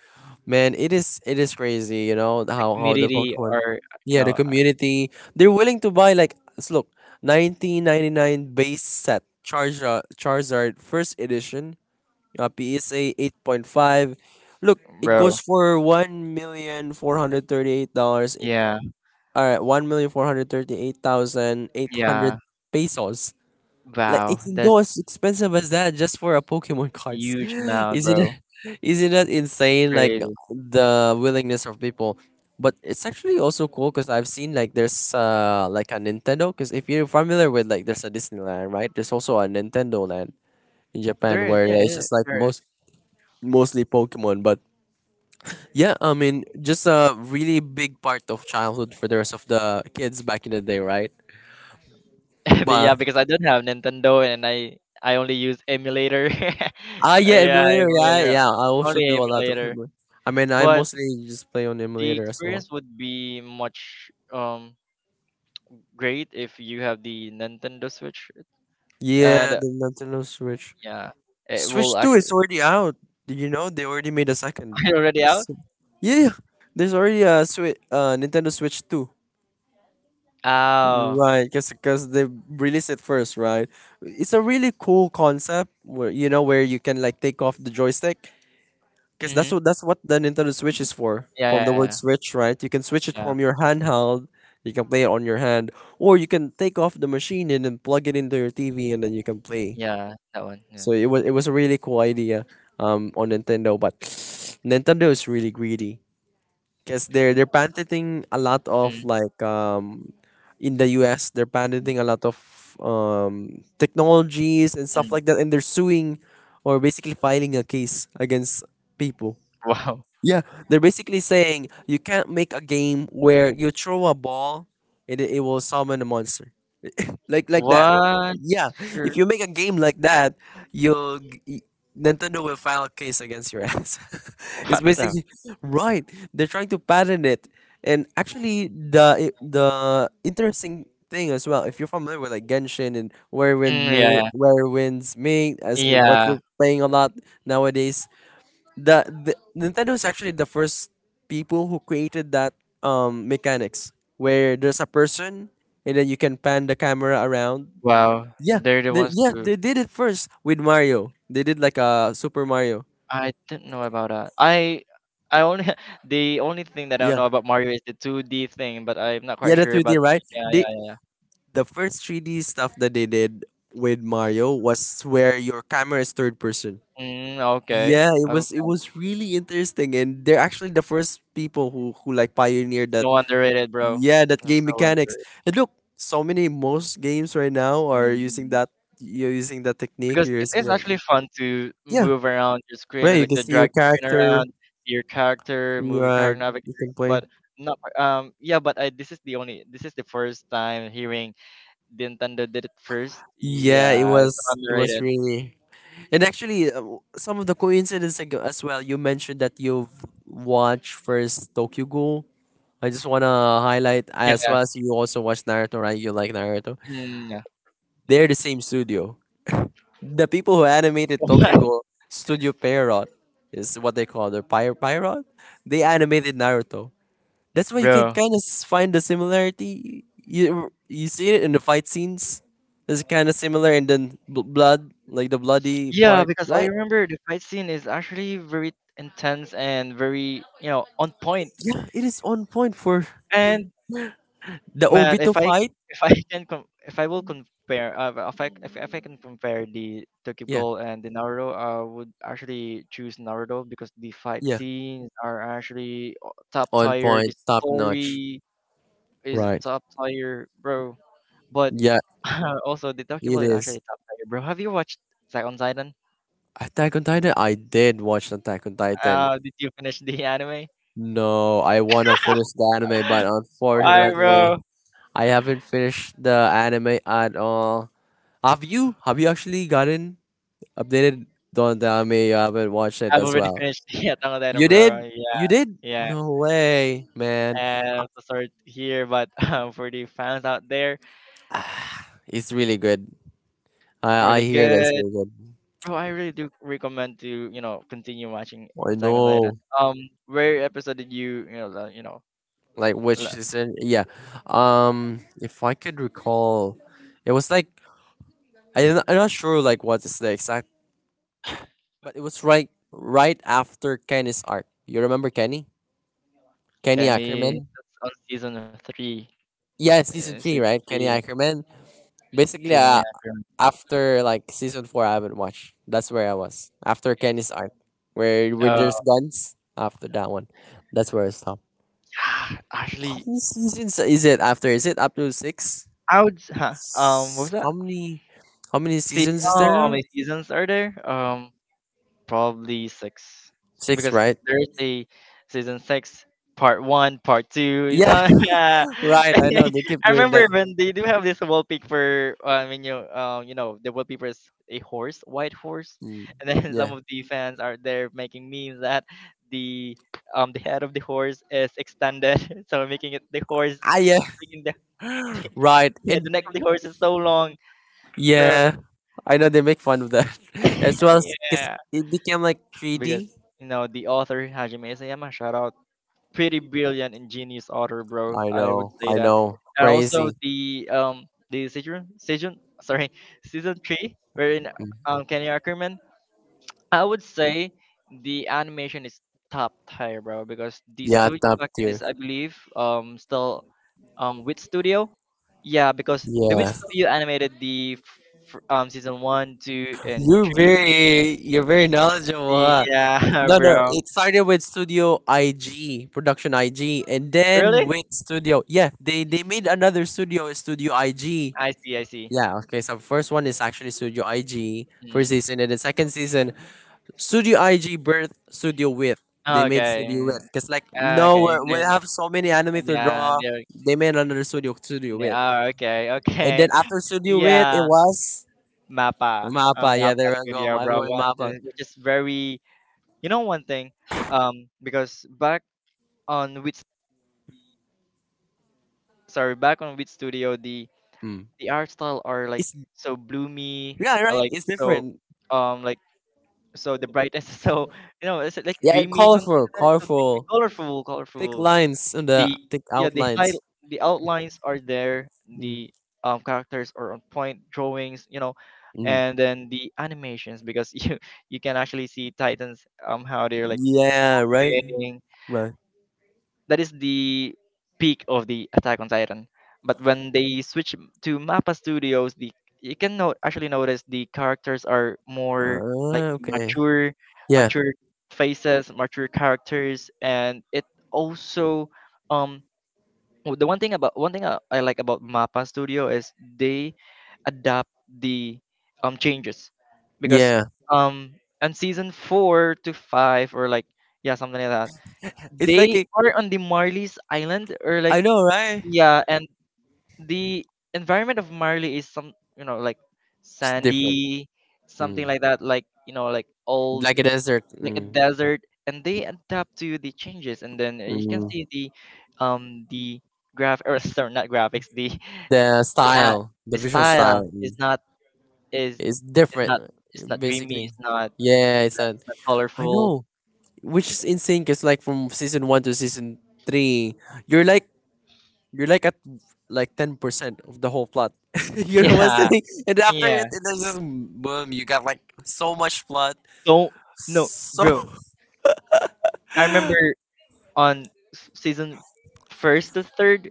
Speaker 1: man, it is crazy. You know
Speaker 2: the
Speaker 1: how the
Speaker 2: community
Speaker 1: Pokemon.
Speaker 2: or you
Speaker 1: Yeah,
Speaker 2: know,
Speaker 1: the community they're willing to buy like look, 1999 base set Charizard first edition, PSA 8.5. Look, it
Speaker 2: bro.
Speaker 1: goes for $1,000,438.
Speaker 2: Yeah,
Speaker 1: All right, 1,438,800
Speaker 2: yeah.
Speaker 1: pesos. Like it
Speaker 2: Wow,
Speaker 1: can
Speaker 2: that's
Speaker 1: go as expensive as that just for a Pokemon
Speaker 2: a
Speaker 1: cards.
Speaker 2: huge amount,
Speaker 1: Isn't it?
Speaker 2: bro.
Speaker 1: Isn't that insane? Like
Speaker 2: Crazy.
Speaker 1: the willingness of people. But it's actually also cool because I've seen like there's like a Nintendo. Because if you're familiar with like there's a Disneyland, right? There's also a Nintendo land in Japan
Speaker 2: There is,
Speaker 1: where
Speaker 2: yeah,
Speaker 1: it's
Speaker 2: yeah,
Speaker 1: just like
Speaker 2: there is.
Speaker 1: mostly Pokemon. But yeah, I mean, just a really big part of childhood for the rest of the kids back in the day, right?
Speaker 2: But
Speaker 1: But
Speaker 2: yeah, because I don't have Nintendo, and I only use emulator.
Speaker 1: yeah,
Speaker 2: Yeah,
Speaker 1: emulator. Yeah,
Speaker 2: emulator.
Speaker 1: yeah. I also
Speaker 2: Only
Speaker 1: do a lot of
Speaker 2: emulator.
Speaker 1: emulator. I mean, I
Speaker 2: But
Speaker 1: mostly just play on
Speaker 2: the
Speaker 1: emulator as well.
Speaker 2: experience would be much great if you have the Nintendo Switch. And
Speaker 1: Yeah, the Nintendo Switch.
Speaker 2: yeah, it will
Speaker 1: Switch 2
Speaker 2: actually
Speaker 1: is already out. Did you know they already made a second?
Speaker 2: already out.
Speaker 1: So- Yeah, there's already a Switch, Nintendo Switch 2.
Speaker 2: Oh.
Speaker 1: Right, because they release it first, right? It's a really cool concept where where you can like take off the joystick because that's
Speaker 2: Mhm.
Speaker 1: what that's what the Nintendo Switch
Speaker 2: Mm.
Speaker 1: is for.
Speaker 2: Yeah,
Speaker 1: From
Speaker 2: yeah,
Speaker 1: the word
Speaker 2: yeah,
Speaker 1: switch, right? You can switch it
Speaker 2: yeah.
Speaker 1: from your handheld, you can play it on your hand, or you can take off the machine and then plug it into your TV and then you can play.
Speaker 2: Yeah, that one, yeah.
Speaker 1: So it was a really cool idea on Nintendo, but Nintendo is really greedy. Because they're patenting a lot of
Speaker 2: Mm,
Speaker 1: like in the US they're
Speaker 2: mm,
Speaker 1: patenting a lot of technologies and stuff
Speaker 2: mm.
Speaker 1: like that, and they're suing or basically filing a case against people.
Speaker 2: Wow.
Speaker 1: Yeah, they're basically saying you can't make a game where you throw a ball and it will summon a monster like that.
Speaker 2: What?
Speaker 1: Yeah, if
Speaker 2: Sure.
Speaker 1: you make a game like that, you'll g- y- Nintendo will file a case against your ass. It's
Speaker 2: What the?
Speaker 1: basically right. They're trying to patent it. And actually, the interesting thing as well. If you're familiar with like Genshin and where wind
Speaker 2: Mm,
Speaker 1: may
Speaker 2: yeah, yeah.
Speaker 1: where winds may as you, what
Speaker 2: Yeah.
Speaker 1: you're playing a lot nowadays, the Nintendo is actually the first people who created that mechanics where there's a person and then you can pan the camera around.
Speaker 2: Wow.
Speaker 1: Yeah,
Speaker 2: They're the ones
Speaker 1: yeah,
Speaker 2: who
Speaker 1: they did it first with Mario. They did like a Super Mario.
Speaker 2: I didn't know about that. I only The only thing that I don't
Speaker 1: Yeah,
Speaker 2: know about Mario is the 2D thing, but I'm not
Speaker 1: yeah,
Speaker 2: quite
Speaker 1: the
Speaker 2: sure.
Speaker 1: 3D,
Speaker 2: But
Speaker 1: right?
Speaker 2: yeah, yeah, yeah, yeah.
Speaker 1: The first 3D stuff that they did with Mario was where your camera is third person.
Speaker 2: Mm, okay.
Speaker 1: Yeah, it was it
Speaker 2: Okay.
Speaker 1: was really interesting, and they're actually the first people who like pioneered that.
Speaker 2: So underrated, bro.
Speaker 1: Yeah, that game
Speaker 2: So
Speaker 1: mechanics.
Speaker 2: underrated.
Speaker 1: And look, so many most games right now are using
Speaker 2: Mm.
Speaker 1: that. You're using that technique.
Speaker 2: Because
Speaker 1: You're
Speaker 2: it
Speaker 1: using
Speaker 2: is
Speaker 1: that.
Speaker 2: actually fun to
Speaker 1: Yeah,
Speaker 2: move around your screen
Speaker 1: right.
Speaker 2: or
Speaker 1: You
Speaker 2: like
Speaker 1: can
Speaker 2: the
Speaker 1: see your
Speaker 2: drag your screen
Speaker 1: character.
Speaker 2: around, your character, move your
Speaker 1: Right,
Speaker 2: character navigate.
Speaker 1: you can
Speaker 2: But
Speaker 1: play.
Speaker 2: not yeah, but I this is the first time hearing Nintendo did it first.
Speaker 1: Yeah, it
Speaker 2: Yeah, it's
Speaker 1: was. It was
Speaker 2: underrated.
Speaker 1: really. And actually, some of the coincidence as well. You mentioned that you've watched first Tokyo Ghoul. I just wanna highlight
Speaker 2: Yeah,
Speaker 1: as
Speaker 2: yeah.
Speaker 1: well as you also watched Naruto, right? You like Naruto.
Speaker 2: Mm,
Speaker 1: They're the same studio. The people who animated
Speaker 2: yeah.
Speaker 1: Tokyo Ghoul, Studio Pierrot, is what they call their Pyre Pierrot. They animated Naruto. That's why you can
Speaker 2: Bro.
Speaker 1: kind of find the similarity. You see it in the fight scenes. It's kind of similar, and then blood, like the bloody
Speaker 2: Yeah,
Speaker 1: part,
Speaker 2: because I
Speaker 1: right?
Speaker 2: remember the fight scene is actually very intense and very, on point.
Speaker 1: Yeah, it is on point for
Speaker 2: And
Speaker 1: the
Speaker 2: man,
Speaker 1: Obito fight.
Speaker 2: if I will compare well, if I can compare the Tokyo
Speaker 1: Yeah,
Speaker 2: Ghoul and the Naruto, I would actually choose Naruto because the fight
Speaker 1: yeah,
Speaker 2: scenes are actually top
Speaker 1: on
Speaker 2: tier. The
Speaker 1: point, top notch.
Speaker 2: story is
Speaker 1: Right.
Speaker 2: top tier, bro. But
Speaker 1: Yeah,
Speaker 2: also the Tokyo
Speaker 1: it
Speaker 2: Ghoul is
Speaker 1: is.
Speaker 2: actually top tier, bro. Have you watched Attack on Titan?
Speaker 1: Attack on Titan. I did watch Attack on Titan.
Speaker 2: Did you finish the anime?
Speaker 1: No, I want to finish the anime, but
Speaker 2: Why,
Speaker 1: unfortunately,
Speaker 2: bro?
Speaker 1: I haven't finished the anime at all. Have you? Have you actually gotten updated? Don't tell me you haven't watched it
Speaker 2: I've
Speaker 1: as
Speaker 2: already
Speaker 1: well.
Speaker 2: finished the Attack on Titan,
Speaker 1: You
Speaker 2: bro.
Speaker 1: did?
Speaker 2: Yeah,
Speaker 1: You did?
Speaker 2: yeah.
Speaker 1: No way, man.
Speaker 2: And I'm so sorry to hear, but for the fans out there,
Speaker 1: It's really good. I
Speaker 2: really
Speaker 1: hear that's
Speaker 2: good.
Speaker 1: really good.
Speaker 2: Bro, I really do recommend to you know continue watching
Speaker 1: I
Speaker 2: Attack on Titan.
Speaker 1: know.
Speaker 2: Um, where episode did you you know
Speaker 1: Like which
Speaker 2: la-
Speaker 1: season? Yeah. If I could recall, it was like I'm not sure like what's the exact. But it was right after Kenny's arc. You remember Kenny? Kenny
Speaker 2: Kenny,
Speaker 1: Ackerman?
Speaker 2: that's on season three?
Speaker 1: Yeah, season
Speaker 2: Season
Speaker 1: three, right? Kenny
Speaker 2: three,
Speaker 1: Ackerman. Basically,
Speaker 2: Kenny, yeah, bro.
Speaker 1: after like season four, I haven't watched. That's where I was after Kenny's arc, where
Speaker 2: Uh,
Speaker 1: there's guns. After that one, that's where I stopped.
Speaker 2: yeah,
Speaker 1: How
Speaker 2: actually,
Speaker 1: many seasons is it after? Is it up to six?
Speaker 2: I would. Huh, what was that?
Speaker 1: How many? How many
Speaker 2: See,
Speaker 1: seasons is there
Speaker 2: oh, how
Speaker 1: now?
Speaker 2: many seasons are there? Probably six
Speaker 1: Six,
Speaker 2: because
Speaker 1: right?
Speaker 2: there's a season six, part one, part two, you
Speaker 1: Yeah,
Speaker 2: know. Yeah.
Speaker 1: right. I know they keep
Speaker 2: I
Speaker 1: doing that.
Speaker 2: remember when they do have this wallpaper. I mean, you you know the wallpaper is a horse, white horse,
Speaker 1: Mm,
Speaker 2: and then some
Speaker 1: yeah.
Speaker 2: of the fans are there making memes that the the head of the horse is extended, so making it the horse,
Speaker 1: Yeah,
Speaker 2: making the
Speaker 1: right.
Speaker 2: yeah, the
Speaker 1: And
Speaker 2: neck of the horse is so long, bro.
Speaker 1: yeah, I know they make fun of that as well as because
Speaker 2: Yeah,
Speaker 1: it became like
Speaker 2: because
Speaker 1: 3D.
Speaker 2: you know the author Hajime Isayama, shout out, pretty brilliant and genius author, bro. I would say
Speaker 1: I
Speaker 2: that.
Speaker 1: know,
Speaker 2: And also
Speaker 1: crazy.
Speaker 2: the season season sorry, season three, wherein
Speaker 1: Mm.
Speaker 2: Kenny Ackerman. I would say the animation is top tier, bro, because the
Speaker 1: Yeah,
Speaker 2: studio
Speaker 1: top
Speaker 2: back then
Speaker 1: tier.
Speaker 2: is, I believe, still with studio. Yeah, because the Wit
Speaker 1: Yeah,
Speaker 2: Studio animated the season one, two, and three.
Speaker 1: you're very knowledgeable, huh?
Speaker 2: Yeah.
Speaker 1: No, no, no.
Speaker 2: Bro.
Speaker 1: It started with Studio IG, Production IG, and then
Speaker 2: Really?
Speaker 1: with Studio. Yeah, they made another studio, Studio IG.
Speaker 2: I see, I see.
Speaker 1: Yeah, okay, so first one is actually Studio IG, first
Speaker 2: Mm.
Speaker 1: season, and the second season Studio IG birth Studio Width. They made
Speaker 2: Okay.
Speaker 1: Studio Width because like no,
Speaker 2: Okay,
Speaker 1: we
Speaker 2: then.
Speaker 1: have so many anime to
Speaker 2: Yeah,
Speaker 1: draw.
Speaker 2: they're,
Speaker 1: They made another Studio, Studio
Speaker 2: they
Speaker 1: Width,
Speaker 2: are, okay,
Speaker 1: and
Speaker 2: okay.
Speaker 1: then after Studio Width, it
Speaker 2: Yeah,
Speaker 1: was
Speaker 2: MAPPA,
Speaker 1: Mappa. Yeah,
Speaker 2: MAPPA
Speaker 1: there I go.
Speaker 2: Studio,
Speaker 1: My
Speaker 2: bro.
Speaker 1: boy
Speaker 2: What,
Speaker 1: Mappa.
Speaker 2: which is very, you know, one thing, because on which, sorry, back on which studio,
Speaker 1: Hmm.
Speaker 2: the art style are like
Speaker 1: It's
Speaker 2: so bloomy,
Speaker 1: Yeah, right.
Speaker 2: like
Speaker 1: It's
Speaker 2: so,
Speaker 1: different.
Speaker 2: like so the brightness is so, you know, it's like
Speaker 1: Yeah,
Speaker 2: dreamy something
Speaker 1: colorful,
Speaker 2: like that. So dreamy,
Speaker 1: colorful,
Speaker 2: colorful,
Speaker 1: thick
Speaker 2: colorful.
Speaker 1: lines on the
Speaker 2: The
Speaker 1: thick
Speaker 2: Yeah, the high,
Speaker 1: outlines.
Speaker 2: the outlines are there,
Speaker 1: Mm.
Speaker 2: the characters are on point drawings, you know, and
Speaker 1: Mm.
Speaker 2: then the animations because you you can actually see titans, how they're like
Speaker 1: Yeah, right,
Speaker 2: swaying.
Speaker 1: right.
Speaker 2: That is the peak of the Attack on Titan. But when they switch to Mappa Studios, the you can note actually notice the characters are more like
Speaker 1: Ah, okay.
Speaker 2: mature,
Speaker 1: Yeah,
Speaker 2: mature faces, mature characters. And it also, um the one thing about, one thing I, like about Mappa Studio is they adapt the changes because
Speaker 1: yeah.
Speaker 2: um on season four to five or like yeah, something like that,
Speaker 1: It's like
Speaker 2: they
Speaker 1: a,
Speaker 2: are on the Marley's Island or
Speaker 1: I
Speaker 2: like
Speaker 1: know, right?
Speaker 2: yeah, and the environment of Marley is some, you know, like
Speaker 1: It's different.
Speaker 2: sandy, something
Speaker 1: Mm.
Speaker 2: like that, like you know, like old,
Speaker 1: Like a desert.
Speaker 2: like a
Speaker 1: Mm.
Speaker 2: desert. And they adapt to the changes, and then you can
Speaker 1: Mm.
Speaker 2: see the graph or sorry, not graphics,
Speaker 1: The
Speaker 2: the, uh,
Speaker 1: style,
Speaker 2: the
Speaker 1: the visual
Speaker 2: style
Speaker 1: style,
Speaker 2: is not, is
Speaker 1: is
Speaker 2: is
Speaker 1: different,
Speaker 2: not, it's not dreamy,
Speaker 1: basically.
Speaker 2: it's not,
Speaker 1: Yeah, it's that.
Speaker 2: not
Speaker 1: I
Speaker 2: colorful.
Speaker 1: know, which is insane. Cause like from season one to season three, you're like you're like at like 10% of the whole plot. You know what I'm
Speaker 2: Yeah,
Speaker 1: saying? And after
Speaker 2: yeah.
Speaker 1: it, it was just boom. You got like so much plot,
Speaker 2: So no,
Speaker 1: so
Speaker 2: bro. I remember on season first to third,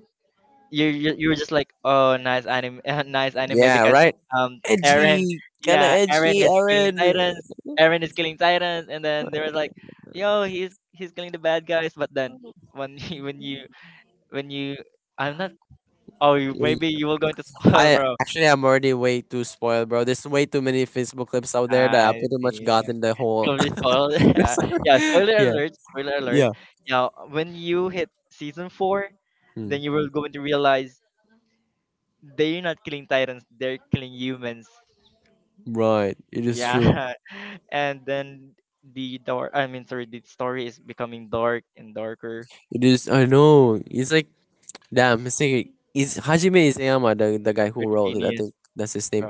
Speaker 2: you you were just like, oh, nice anime, nice anime,
Speaker 1: yeah,
Speaker 2: because
Speaker 1: right?
Speaker 2: um Eren,
Speaker 1: Edgy, kind of
Speaker 2: yeah, Eren
Speaker 1: edgy,
Speaker 2: is killing
Speaker 1: Aaron.
Speaker 2: titans, and then they were like, yo, he's killing the bad guys. But then when you when you when you I'm not oh, you, maybe you were going to spoil, bro.
Speaker 1: I'm already way too spoiled, bro. There's way too many Facebook clips out there that I
Speaker 2: I
Speaker 1: pretty much
Speaker 2: see.
Speaker 1: got in the whole.
Speaker 2: You'll be spoiled. Yeah, yeah. Spoiler
Speaker 1: Yeah,
Speaker 2: alert! Spoiler alert!
Speaker 1: yeah.
Speaker 2: Yeah, when you hit season four,
Speaker 1: Hmm.
Speaker 2: then you will going to realize they're not killing titans; they're killing humans.
Speaker 1: Right, it is
Speaker 2: Yeah.
Speaker 1: true.
Speaker 2: And then the door I mean sorry, the story is becoming dark and darker,
Speaker 1: It is. I know. It's like damn. It's like, is Hajime Isayama the guy who
Speaker 2: pretty
Speaker 1: wrote it? I
Speaker 2: genius,
Speaker 1: think that's his name.
Speaker 2: bro.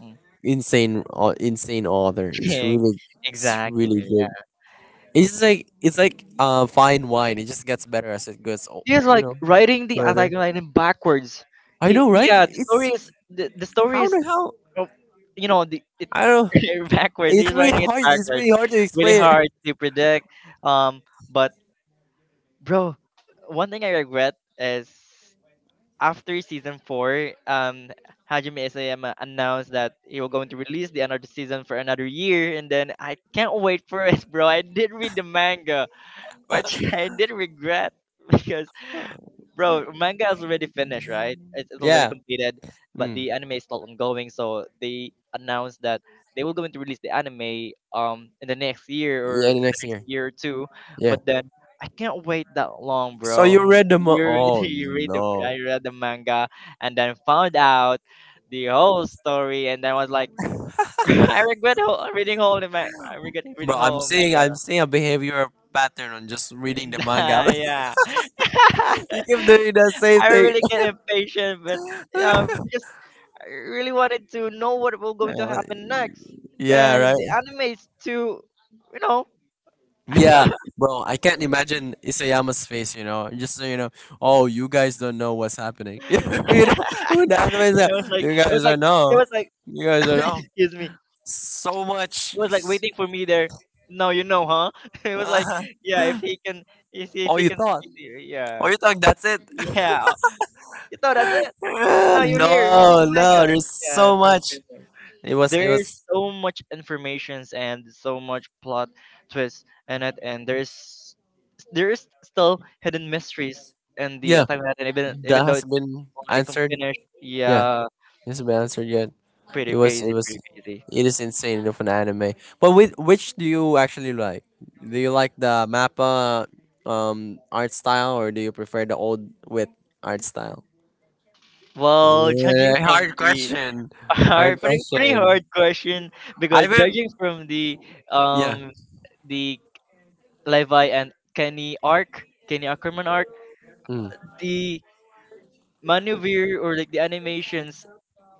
Speaker 2: Mm.
Speaker 1: Insane author. It's really,
Speaker 2: Exactly,
Speaker 1: good.
Speaker 2: yeah.
Speaker 1: It's just like it's like fine wine. It just gets better as it goes.
Speaker 2: He's
Speaker 1: You
Speaker 2: like
Speaker 1: know,
Speaker 2: writing the
Speaker 1: further.
Speaker 2: attack line in backwards.
Speaker 1: I
Speaker 2: He
Speaker 1: know, right?
Speaker 2: yeah The story
Speaker 1: It's
Speaker 2: is, the story
Speaker 1: how
Speaker 2: is,
Speaker 1: the hell
Speaker 2: uh, you know, the it,
Speaker 1: I don't.
Speaker 2: backwards,
Speaker 1: It's
Speaker 2: he's
Speaker 1: really
Speaker 2: writing it
Speaker 1: hard. It's
Speaker 2: backwards,
Speaker 1: really hard to
Speaker 2: really
Speaker 1: explain it.
Speaker 2: hard to predict. um but, bro, one thing I regret is, after season four, Hajime Isayama announced that he was going to release the another season for another year, and then I can't wait for it, bro. I did read the manga, which I did regret because, bro, manga is already finished, right? It's already
Speaker 1: Yeah.
Speaker 2: completed, but
Speaker 1: Mm.
Speaker 2: the anime is still ongoing. So they announced that they were going to release the anime in the next year
Speaker 1: Yeah,
Speaker 2: or
Speaker 1: the
Speaker 2: the
Speaker 1: next
Speaker 2: next
Speaker 1: year.
Speaker 2: year or two.
Speaker 1: Yeah.
Speaker 2: But then I can't wait that long,
Speaker 1: So you
Speaker 2: bro.
Speaker 1: read Oh
Speaker 2: You read the,
Speaker 1: no,
Speaker 2: I read the manga and then found out the whole story, and then was like, I regret whole, reading whole I regret reading
Speaker 1: bro! I'm
Speaker 2: whole
Speaker 1: seeing
Speaker 2: manga.
Speaker 1: I'm seeing a behavioral pattern on just reading the manga.
Speaker 2: Nah, yeah.
Speaker 1: You keep doing the same
Speaker 2: I
Speaker 1: thing.
Speaker 2: really get impatient, but because I really wanted to know what will going to
Speaker 1: Uh,
Speaker 2: happen next,
Speaker 1: yeah.
Speaker 2: and
Speaker 1: Right.
Speaker 2: the anime is too, you know.
Speaker 1: Yeah.
Speaker 2: It
Speaker 1: Bro, I can't imagine Isayama's face, you know. Just so you know, oh, you guys don't know what's happening. You know, who that was,
Speaker 2: was like,
Speaker 1: you
Speaker 2: it
Speaker 1: guys
Speaker 2: was like
Speaker 1: don't
Speaker 2: it
Speaker 1: know.
Speaker 2: was like
Speaker 1: You guys don't know.
Speaker 2: excuse me.
Speaker 1: So much.
Speaker 2: It was like waiting for me there. No, you know, huh? It was like, yeah, if he can, if he, if
Speaker 1: Oh,
Speaker 2: he
Speaker 1: you
Speaker 2: can
Speaker 1: thought.
Speaker 2: speak to you, yeah,
Speaker 1: Are you talking? That's it.
Speaker 2: yeah. No, that's it. No, you're here. You're reading
Speaker 1: No,
Speaker 2: the
Speaker 1: no.
Speaker 2: manga.
Speaker 1: There's
Speaker 2: Yeah,
Speaker 1: so
Speaker 2: stuff
Speaker 1: much.
Speaker 2: like,
Speaker 1: It was. It
Speaker 2: there's
Speaker 1: was.
Speaker 2: so much informations and so much plot twists in it, and there's, there is still hidden mysteries in the
Speaker 1: Yeah.
Speaker 2: Attack on Titan, even
Speaker 1: That
Speaker 2: even though
Speaker 1: has
Speaker 2: it's
Speaker 1: been
Speaker 2: already
Speaker 1: answered.
Speaker 2: finished.
Speaker 1: Yeah.
Speaker 2: Yeah,
Speaker 1: It hasn't been answered yet. It
Speaker 2: pretty
Speaker 1: was.
Speaker 2: crazy,
Speaker 1: It was.
Speaker 2: pretty crazy.
Speaker 1: It is insane of an anime. But which do you actually like? Do you like the mappa art style or do you prefer the old with art style?
Speaker 2: Well, judging
Speaker 1: Yeah,
Speaker 2: from
Speaker 1: hard
Speaker 2: the,
Speaker 1: question. Hard
Speaker 2: hard, pretty pretty
Speaker 1: question.
Speaker 2: hard question,
Speaker 1: I
Speaker 2: because
Speaker 1: haven't.
Speaker 2: judging from the
Speaker 1: Yeah.
Speaker 2: um the Levi and Kenny arc, Kenny Ackerman arc,
Speaker 1: Mm.
Speaker 2: the maneuver or like the animations,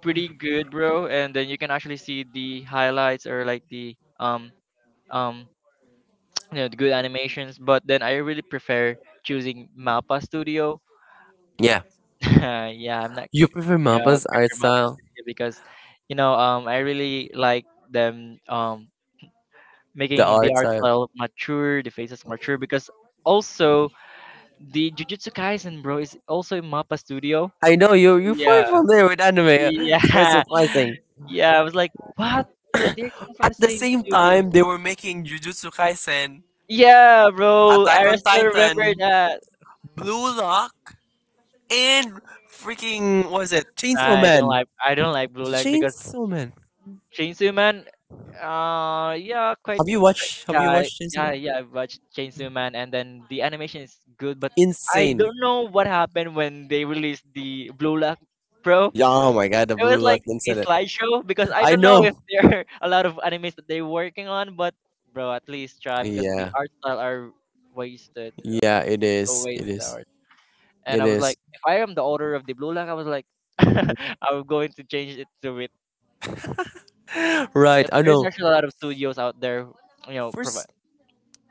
Speaker 2: pretty good, bro. And then you can actually see the highlights or like the um um you know, the good animations. But then I really prefer choosing Mappa Studio.
Speaker 1: Yeah.
Speaker 2: Yeah, I'm not,
Speaker 1: You prefer
Speaker 2: yeah, I
Speaker 1: mappa's art
Speaker 2: prefer Mappa
Speaker 1: style?
Speaker 2: Studio because, you know, I really like them,
Speaker 1: The
Speaker 2: making the
Speaker 1: art
Speaker 2: art
Speaker 1: style.
Speaker 2: style mature, the faces mature, because also the Jujutsu Kaisen, bro, is also in Mappa Studio.
Speaker 1: I know you
Speaker 2: Yeah.
Speaker 1: far familiar with anime. It's quite
Speaker 2: Yeah.
Speaker 1: surprising.
Speaker 2: Yeah, I was like, what? They come from the
Speaker 1: At the
Speaker 2: same
Speaker 1: same
Speaker 2: studio.
Speaker 1: time, they were making Jujutsu Kaisen,
Speaker 2: Yeah, bro,
Speaker 1: Attack
Speaker 2: I
Speaker 1: on
Speaker 2: still remember
Speaker 1: Titan,
Speaker 2: that.
Speaker 1: Blue Lock, and freaking what is it, Chainsaw Man?
Speaker 2: I don't like Blue Leg because
Speaker 1: Chainsaw Man.
Speaker 2: Chainsaw Man. Yeah, quite, quite,
Speaker 1: Have
Speaker 2: yeah,
Speaker 1: you watched Chainsaw
Speaker 2: yeah,
Speaker 1: Man?
Speaker 2: yeah. I watched Chainsaw Man, and then the animation is good. But I
Speaker 1: Insane.
Speaker 2: don't know what happened when they released the Blue Lock, pro.
Speaker 1: Yeah, oh my god, the
Speaker 2: It was
Speaker 1: Blue
Speaker 2: like
Speaker 1: Lock
Speaker 2: a
Speaker 1: incident.
Speaker 2: slideshow, because I
Speaker 1: I
Speaker 2: don't know if
Speaker 1: know.
Speaker 2: there are a lot of animes that they're working on. But, bro, at least try, because the
Speaker 1: Yeah,
Speaker 2: art style are wasted,
Speaker 1: yeah, it is.
Speaker 2: always
Speaker 1: It
Speaker 2: on the
Speaker 1: is.
Speaker 2: heart. And
Speaker 1: It
Speaker 2: I was like,
Speaker 1: is.
Speaker 2: if I am the owner of the Blue Lock, I was like, I'm going to change it to it.
Speaker 1: Right,
Speaker 2: But
Speaker 1: I
Speaker 2: there's
Speaker 1: know.
Speaker 2: actually a lot of studios out there, you know, provide
Speaker 1: First,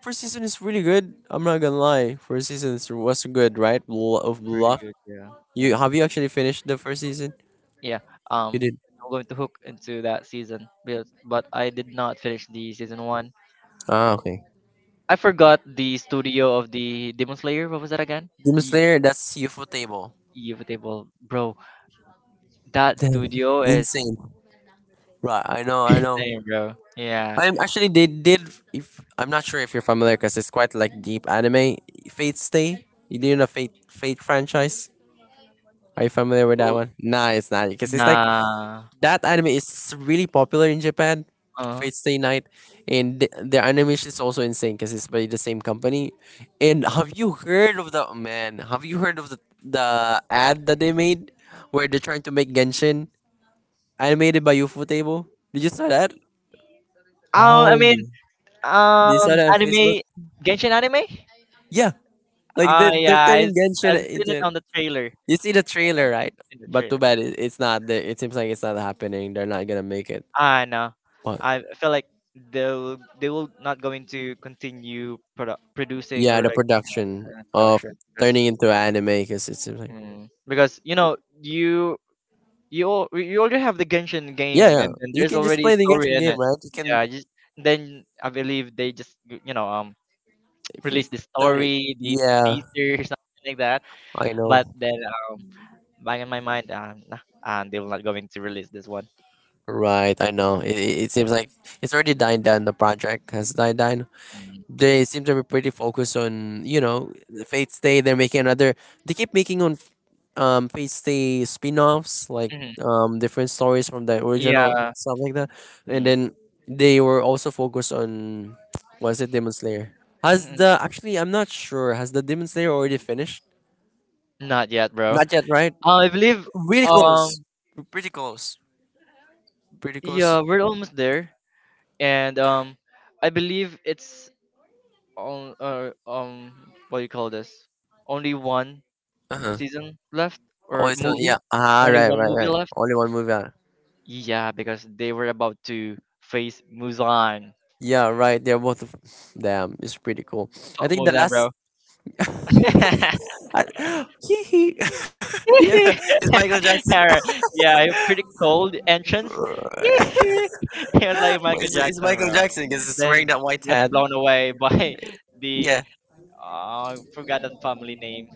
Speaker 1: First season is really good. I'm not gonna lie. First season was good, right? Of
Speaker 2: really
Speaker 1: luck.
Speaker 2: good. Yeah,
Speaker 1: You
Speaker 2: yeah,
Speaker 1: have you actually finished the first season?
Speaker 2: yeah.
Speaker 1: You
Speaker 2: Um,
Speaker 1: did.
Speaker 2: I'm going to hook into that season, but I did not finish the season one.
Speaker 1: Okay.
Speaker 2: I forgot the studio of the Demon Slayer. What was that again?
Speaker 1: Demon
Speaker 2: E-
Speaker 1: Slayer. That's UFO table.
Speaker 2: Eve Table, bro. That
Speaker 1: Damn,
Speaker 2: studio is
Speaker 1: insane. Right. I know. I know.
Speaker 2: insane, bro. Yeah.
Speaker 1: I'm actually they did. If I'm not sure if you're familiar, because it's quite like deep anime. Fate Stay. You did know Fate franchise. Are you familiar with that
Speaker 2: Well,
Speaker 1: one? Nah, it's not because it's like
Speaker 2: nah.
Speaker 1: that anime is really popular in Japan,
Speaker 2: Uh.
Speaker 1: Fate Stay Night, and their animation is also insane because it's by the same company. And have you heard of the man? Have you heard of the ad that they made where they're trying to make Genshin animated by Ufotable. Table? Did you saw that?
Speaker 2: I
Speaker 1: Oh,
Speaker 2: mean,
Speaker 1: they saw that on Facebook.
Speaker 2: Anime, Genshin anime?
Speaker 1: Yeah, like
Speaker 2: Oh yeah,
Speaker 1: they're
Speaker 2: I,
Speaker 1: turning Genshin
Speaker 2: I've seen it
Speaker 1: into.
Speaker 2: on the trailer.
Speaker 1: You see the trailer, right?
Speaker 2: In the
Speaker 1: But too
Speaker 2: trailer.
Speaker 1: bad it's not. It seems like it's not happening. They're not gonna make it.
Speaker 2: I know.
Speaker 1: What?
Speaker 2: I feel like they'll, they will not going to continue producing
Speaker 1: Yeah,
Speaker 2: or
Speaker 1: the
Speaker 2: like,
Speaker 1: production of
Speaker 2: production because
Speaker 1: turning into anime because it's like
Speaker 2: mm, because you know, you you already have the Genshin
Speaker 1: yeah,
Speaker 2: game,
Speaker 1: yeah.
Speaker 2: and
Speaker 1: You
Speaker 2: there's
Speaker 1: can just
Speaker 2: already a
Speaker 1: play the
Speaker 2: story
Speaker 1: Genshin
Speaker 2: in
Speaker 1: game,
Speaker 2: it.
Speaker 1: right? You can
Speaker 2: Yeah, just, then I believe they just, you know,
Speaker 1: if you
Speaker 2: release the
Speaker 1: turn it.
Speaker 2: story, the
Speaker 1: Yeah,
Speaker 2: teaser, something like that.
Speaker 1: I
Speaker 2: But
Speaker 1: know.
Speaker 2: then, back in my mind, nah, they will not going to release this one.
Speaker 1: Right, I know. It seems like it's already dying down. The project has died down.
Speaker 2: Mm,
Speaker 1: They seem to be pretty focused on the Fate Stay. They're making another. They keep making on pasty spin-offs like
Speaker 2: mhm.
Speaker 1: different stories from the original
Speaker 2: Yeah.
Speaker 1: stuff like that. And
Speaker 2: Mm.
Speaker 1: then they were also focused on, was it demon slayer? Has the actually I'm not sure, has the demon slayer already finished?
Speaker 2: Not yet, bro.
Speaker 1: Not yet, right?
Speaker 2: I believe,
Speaker 1: Really close.
Speaker 2: um
Speaker 1: Pretty close, pretty close.
Speaker 2: yeah, we're almost there. And I believe it's on what do you call this? Only one
Speaker 1: Uh-huh.
Speaker 2: season left
Speaker 1: Oh,
Speaker 2: or
Speaker 1: it's not, yeah.
Speaker 2: movie? Only
Speaker 1: Right,
Speaker 2: one
Speaker 1: right,
Speaker 2: movie
Speaker 1: right,
Speaker 2: left?
Speaker 1: only one movie out.
Speaker 2: Yeah, because they were about to face Muzan.
Speaker 1: Yeah, right, they're damn, it's pretty cool. I
Speaker 2: Fuck
Speaker 1: think the
Speaker 2: Muzan, bro.
Speaker 1: last I, hee hee yeah, it's Michael Jackson.
Speaker 2: Yeah, yeah, pretty cold entrance. It was like Michael
Speaker 1: It's
Speaker 2: Jackson,
Speaker 1: Michael
Speaker 2: bro.
Speaker 1: Jackson because it's wearing
Speaker 2: Then
Speaker 1: that white
Speaker 2: was
Speaker 1: hat.
Speaker 2: blown away by the
Speaker 1: Yeah.
Speaker 2: oh, I forgot that family name.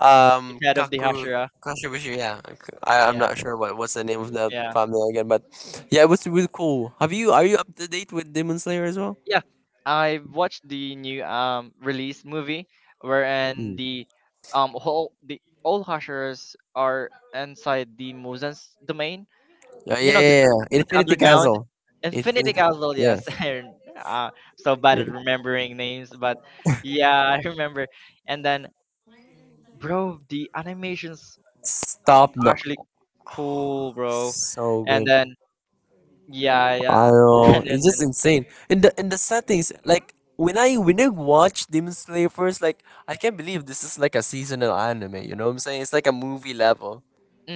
Speaker 2: The head of the
Speaker 1: Kaku
Speaker 2: Hashira.
Speaker 1: Kashibushi. Yeah. I'm
Speaker 2: Yeah,
Speaker 1: not sure what's the name of that
Speaker 2: yeah,
Speaker 1: family again, but yeah, it was really cool. Have you Are you up to date with Demon Slayer as well?
Speaker 2: yeah. I watched the new release movie wherein
Speaker 1: Hmm.
Speaker 2: the whole the all Hashiras are inside the Muzan's domain,
Speaker 1: Yeah,
Speaker 2: you
Speaker 1: yeah,
Speaker 2: know,
Speaker 1: yeah, yeah.
Speaker 2: the
Speaker 1: Infinity
Speaker 2: underground
Speaker 1: Castle.
Speaker 2: infinity
Speaker 1: Infinity.
Speaker 2: castle,
Speaker 1: Yeah.
Speaker 2: yes. And uh, so bad at
Speaker 1: Really.
Speaker 2: remembering names, but yeah. I remember, and then, bro, the animations
Speaker 1: Stop. No.
Speaker 2: actually cool, bro.
Speaker 1: So
Speaker 2: And
Speaker 1: good.
Speaker 2: then yeah,
Speaker 1: I
Speaker 2: yeah.
Speaker 1: know,
Speaker 2: And
Speaker 1: it's
Speaker 2: then
Speaker 1: just insane. And the sad thing is, like, when I watch Demon Slayer first, like, I can't believe this is like a seasonal anime. You know what I'm saying? It's like a movie level,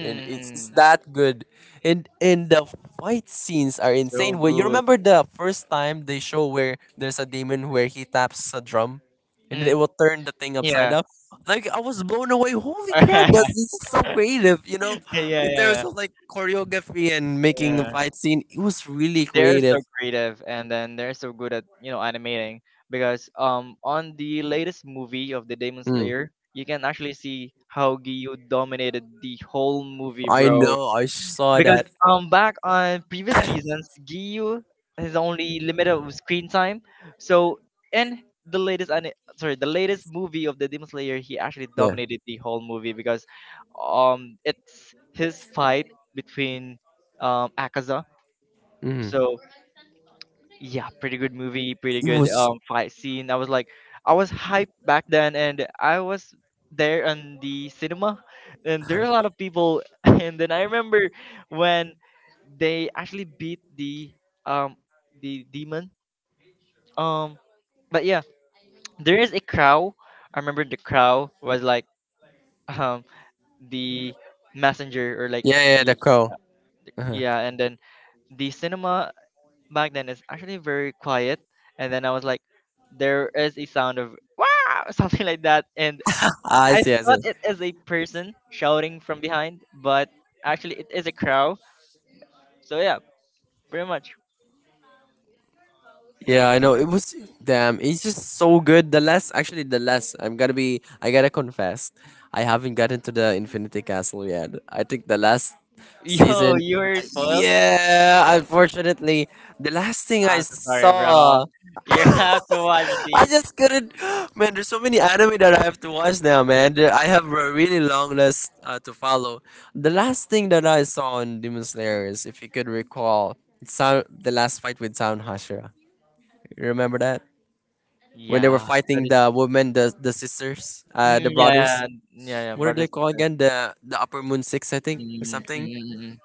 Speaker 1: and it's that good. And the fight scenes are
Speaker 2: so
Speaker 1: insane. Well, you
Speaker 2: good.
Speaker 1: remember the first time they show where there's a demon where he taps a drum, and then
Speaker 2: mm,
Speaker 1: it will turn the thing upside
Speaker 2: yeah.
Speaker 1: down? Like, I was blown away, holy crap.
Speaker 2: Yeah,
Speaker 1: This is so creative, you know,
Speaker 2: yeah,
Speaker 1: in terms
Speaker 2: yeah,
Speaker 1: of like choreography and making a
Speaker 2: yeah,
Speaker 1: fight scene. It was really
Speaker 2: they're
Speaker 1: creative.
Speaker 2: so creative, and then they're so good at, you know, animating, because on the latest movie of the Demon
Speaker 1: Mm.
Speaker 2: Slayer you can actually see how Gyu dominated the whole movie,
Speaker 1: I
Speaker 2: bro.
Speaker 1: know, I saw
Speaker 2: Because
Speaker 1: that.
Speaker 2: back on previous seasons, Gyu has only limited of screen time, so in the sorry, the latest movie of the Demon Slayer, he actually
Speaker 1: Yeah.
Speaker 2: dominated the whole movie because it's his fight between Akaza.
Speaker 1: Mhm.
Speaker 2: So yeah, pretty good movie, pretty
Speaker 1: It
Speaker 2: good
Speaker 1: was
Speaker 2: fight scene. I was like, I was hyped back then, and I was there in the cinema, and there are a lot
Speaker 1: yeah,
Speaker 2: of people. And then I remember when they actually beat um the demon. Um, but yeah, there is a crow. I remember the crow was like um the messenger, or like
Speaker 1: yeah, the
Speaker 2: the
Speaker 1: crow. Uh-huh.
Speaker 2: yeah. And then the cinema back then it's actually very quiet, and then I was like, there is a sound of wow, something like that. And
Speaker 1: i
Speaker 2: I
Speaker 1: see i see
Speaker 2: thought it is a person shouting from behind, but actually it is a crow. So yeah, pretty much.
Speaker 1: Yeah, I know. It was damn. It's just so good. The last, actually, the last. I'm gonna be. I gotta confess, I haven't gotten to the Infinity Castle yet. I think the last
Speaker 2: Yo,
Speaker 1: season.
Speaker 2: you were spoiled.
Speaker 1: Yeah, unfortunately, the last thing I
Speaker 2: I'm so sorry, bro.
Speaker 1: saw,
Speaker 2: You have to watch
Speaker 1: I
Speaker 2: the
Speaker 1: just couldn't. Man, there's so many anime that I have to watch now, man. I have a really long list to follow. The last thing that I saw in Demon Slayer is, if you could recall, sound the last fight with Sound Hashira. You remember that? When they were
Speaker 2: yeah that
Speaker 1: fighting
Speaker 2: is
Speaker 1: the women, the sisters, the
Speaker 2: yeah,
Speaker 1: brothers.
Speaker 2: yeah, yeah, yeah,
Speaker 1: What are
Speaker 2: brother
Speaker 1: they called
Speaker 2: sister.
Speaker 1: again? The Upper Moon Six, I
Speaker 2: mm,
Speaker 1: think, or
Speaker 2: mm,
Speaker 1: something.
Speaker 2: mm, mm.